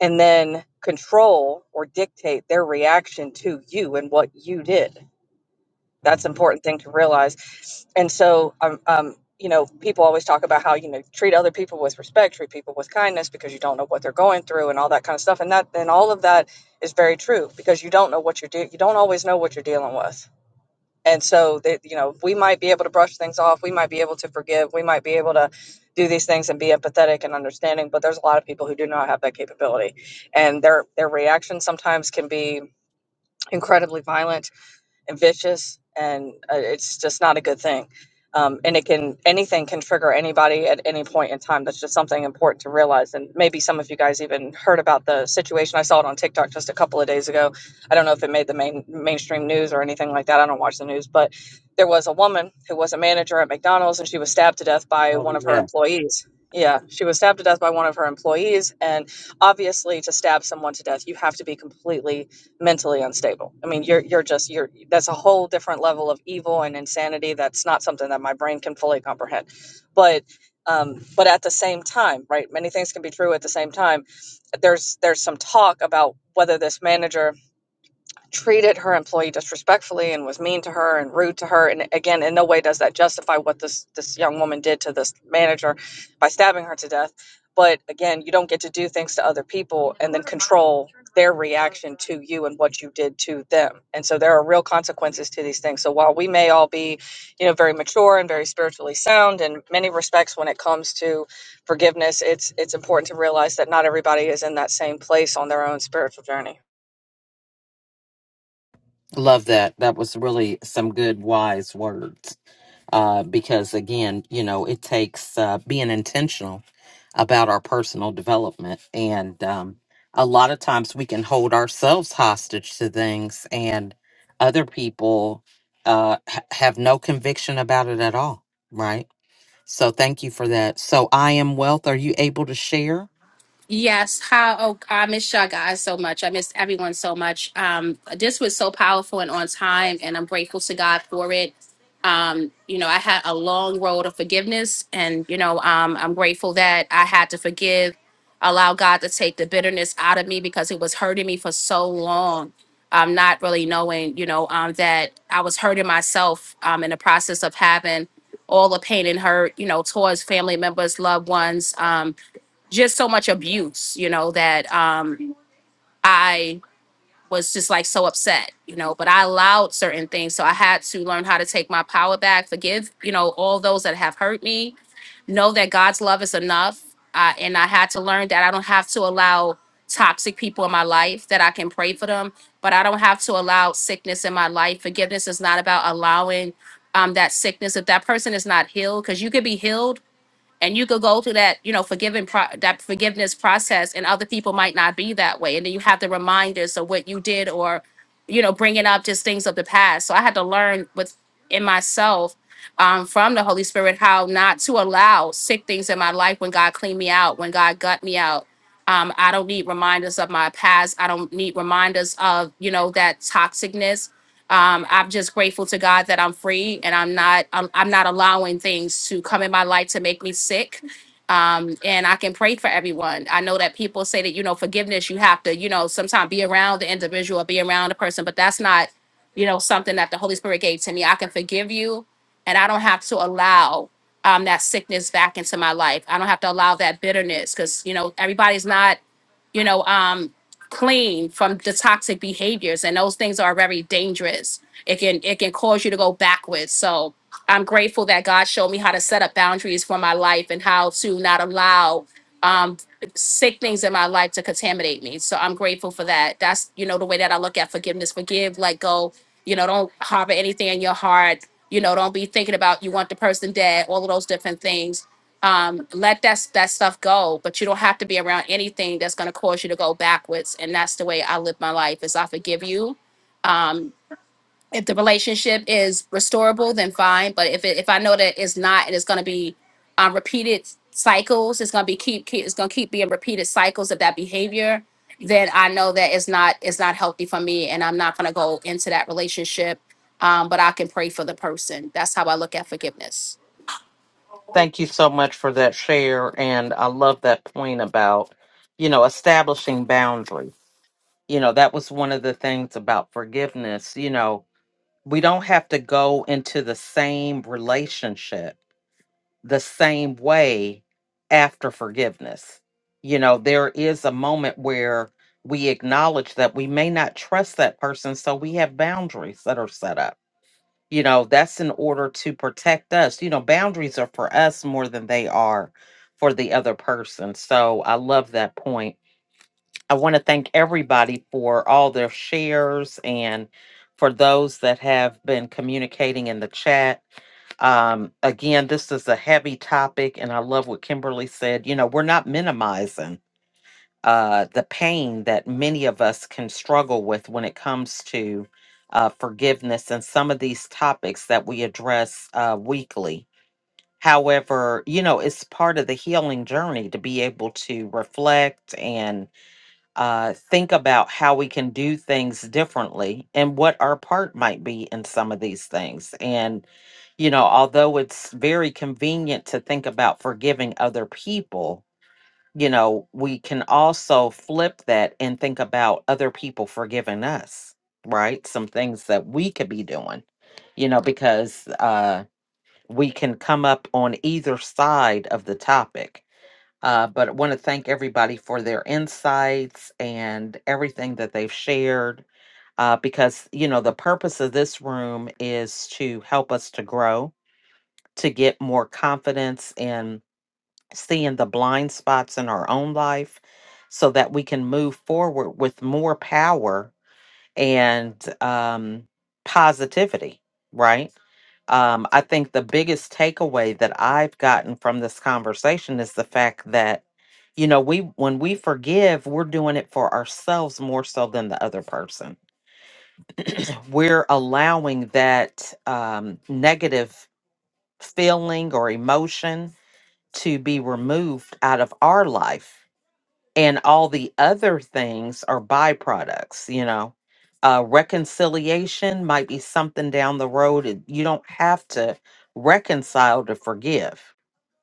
and then control or dictate their reaction to you and what you did. That's Mm. an important thing to realize. And so, um, um, you know, people always talk about how you know treat other people with respect, treat people with kindness, because you don't know what they're going through and all that kind of stuff. And that and all of that is very true because you don't know what you're doing. You don't always know what you're dealing with and so that you know, we might be able to brush things off, we might be able to forgive, we might be able to do these things and be empathetic and understanding, but there's a lot of people who do not have that capability. And their their reaction sometimes can be incredibly violent and vicious, and uh, it's just not a good thing. Um, and it can anything can trigger anybody at any point in time. That's just something important to realize. And maybe some of you guys even heard about the situation. I saw it on TikTok just a couple of days ago. I don't know if it made the main mainstream news or anything like that. I don't watch the news, but there was a woman who was a manager at McDonald's, and she was stabbed to death by one Oh, of her yeah. employees. Yeah, she was stabbed to death by one of her employees, and obviously, to stab someone to death, you have to be completely mentally unstable. I mean, you're you're just you're that's a whole different level of evil and insanity. That's not something that my brain can fully comprehend. But um, but at the same time, right? Many things can be true at the same time. There's there's some talk about whether this manager treated her employee disrespectfully and was mean to her and rude to her and again in no way does that justify what this this young woman did to this manager by stabbing her to death but again you don't get to do things to other people and then control their reaction to you and what you did to them and so there are real consequences to these things so while we may all be you know very mature and very spiritually sound in many respects when it comes to forgiveness it's it's important to realize that not everybody is in that same place on their own spiritual journey Love that. That was really some good, wise words. Uh, because again, you know, it takes uh, being intentional about our personal development. And um, a lot of times we can hold ourselves hostage to things, and other people uh, ha- have no conviction about it at all. Right. So thank you for that. So I am wealth. Are you able to share? Yes, how oh, I miss y'all guys so much. I miss everyone so much. Um, this was so powerful and on time, and I'm grateful to God for it. Um, you know, I had a long road of forgiveness, and you know, um, I'm grateful that I had to forgive, allow God to take the bitterness out of me because it was hurting me for so long. Um, not really knowing, you know, um, that I was hurting myself um, in the process of having all the pain and hurt, you know, towards family members, loved ones. Um, just so much abuse, you know, that um, I was just like so upset, you know, but I allowed certain things. So I had to learn how to take my power back, forgive, you know, all those that have hurt me, know that God's love is enough. Uh, and I had to learn that I don't have to allow toxic people in my life, that I can pray for them, but I don't have to allow sickness in my life. Forgiveness is not about allowing um, that sickness. If that person is not healed, because you could be healed and you could go through that you know forgiving pro- that forgiveness process and other people might not be that way and then you have the reminders of what you did or you know bringing up just things of the past so i had to learn with in myself um, from the holy spirit how not to allow sick things in my life when god cleaned me out when god gut me out um, i don't need reminders of my past i don't need reminders of you know that toxicness um, I'm just grateful to God that I'm free and I'm not I'm, I'm not allowing things to come in my life to make me sick. Um, and I can pray for everyone. I know that people say that you know forgiveness you have to you know sometimes be around the individual, or be around the person, but that's not you know something that the Holy Spirit gave to me. I can forgive you, and I don't have to allow um, that sickness back into my life. I don't have to allow that bitterness because you know everybody's not you know um clean from the toxic behaviors and those things are very dangerous it can it can cause you to go backwards so i'm grateful that god showed me how to set up boundaries for my life and how to not allow um sick things in my life to contaminate me so i'm grateful for that that's you know the way that i look at forgiveness forgive let go you know don't harbor anything in your heart you know don't be thinking about you want the person dead all of those different things um, let that that stuff go. But you don't have to be around anything that's going to cause you to go backwards. And that's the way I live my life. Is I forgive you. If the relationship is restorable, then fine. But if it, if I know that it's not, and it's going to be um, repeated cycles, it's going to be keep, keep it's going to keep being repeated cycles of that behavior. Then I know that it's not it's not healthy for me, and I'm not going to go into that relationship. Um, but I can pray for the person. That's how I look at forgiveness. Thank you so much for that share. And I love that point about, you know, establishing boundary. You know, that was one of the things about forgiveness. You know, we don't have to go into the same relationship the same way after forgiveness. You know, there is a moment where we acknowledge that we may not trust that person, so we have boundaries that are set up. You know, that's in order to protect us. You know, boundaries are for us more than they are for the other person. So I love that point. I want to thank everybody for all their shares and for those that have been communicating in the chat. Um, again, this is a heavy topic, and I love what Kimberly said. You know, we're not minimizing uh, the pain that many of us can struggle with when it comes to uh, forgiveness and some of these topics that we address uh, weekly. However, you know, it's part of the healing journey to be able to reflect and uh, think about how we can do things differently and what our part might be in some of these things. And, you know, although it's very convenient to think about forgiving other people, you know, we can also flip that and think about other people forgiving us, right? Some things that we could be doing, you know, because uh, we can come up on either side of the topic uh, but I want to thank everybody for their insights and everything that they've shared. Uh, because, you know, the purpose of this room is to help us to grow, to get more confidence in seeing the blind spots in our own life so that we can move forward with more power and um, positivity, right? Um, I think the biggest takeaway that I've gotten from this conversation is the fact that, you know, we when we forgive, we're doing it for ourselves more so than the other person. We're allowing that um, negative feeling or emotion to be removed out of our life and all the other things are byproducts you know uh reconciliation might be something down the road and you don't have to reconcile to forgive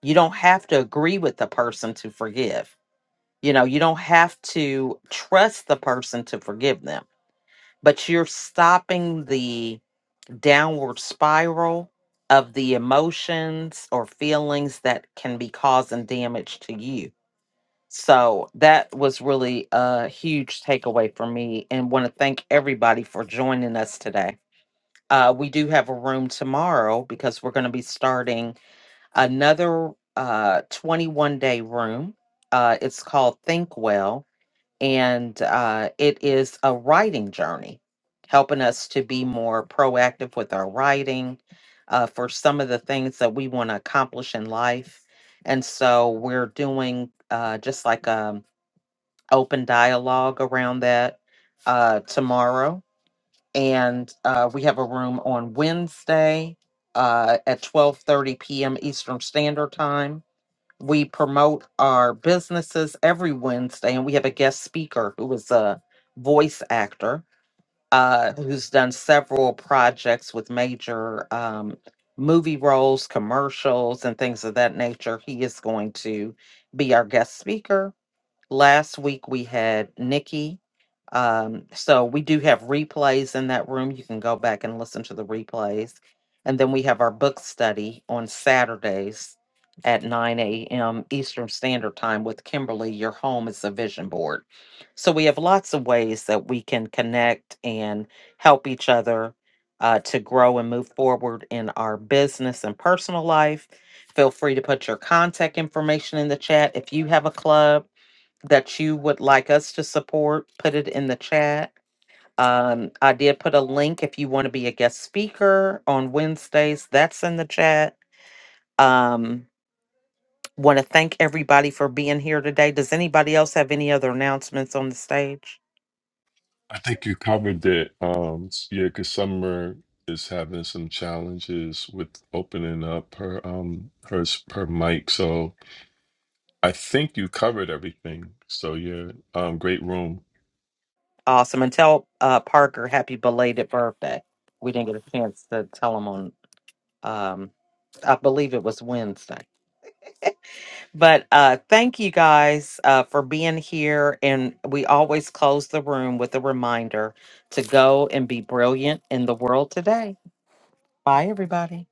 you don't have to agree with the person to forgive you know you don't have to trust the person to forgive them but you're stopping the downward spiral of the emotions or feelings that can be causing damage to you so that was really a huge takeaway for me, and want to thank everybody for joining us today. Uh, we do have a room tomorrow because we're going to be starting another uh, 21 day room. Uh, it's called Think Well, and uh, it is a writing journey, helping us to be more proactive with our writing uh, for some of the things that we want to accomplish in life. And so we're doing uh, just like a open dialogue around that uh, tomorrow, and uh, we have a room on Wednesday uh, at twelve thirty p.m. Eastern Standard Time. We promote our businesses every Wednesday, and we have a guest speaker who is a voice actor uh, who's done several projects with major um, movie roles, commercials, and things of that nature. He is going to be our guest speaker Last week we had Nikki. Um, so we do have replays in that room. You can go back and listen to the replays. And then we have our book study on Saturdays at 9 a.m. Eastern Standard Time with Kimberly. Your home is a vision board. So we have lots of ways that we can connect and help each other uh, to grow and move forward in our business and personal life. Feel free to put your contact information in the chat if you have a club that you would like us to support, put it in the chat. Um, I did put a link if you want to be a guest speaker on Wednesdays. That's in the chat. Um, want to thank everybody for being here today. Does anybody else have any other announcements on the stage? I think you covered it. Um, s- yeah, because Summer is having some challenges with opening up her um her s- her mic. So I think you covered everything. So yeah, um, great room. Awesome. And tell uh, Parker happy belated birthday. We didn't get a chance to tell him on, um, I believe it was Wednesday. But uh, thank you guys uh, for being here. And we always close the room with a reminder to go and be brilliant in the world today. Bye, everybody.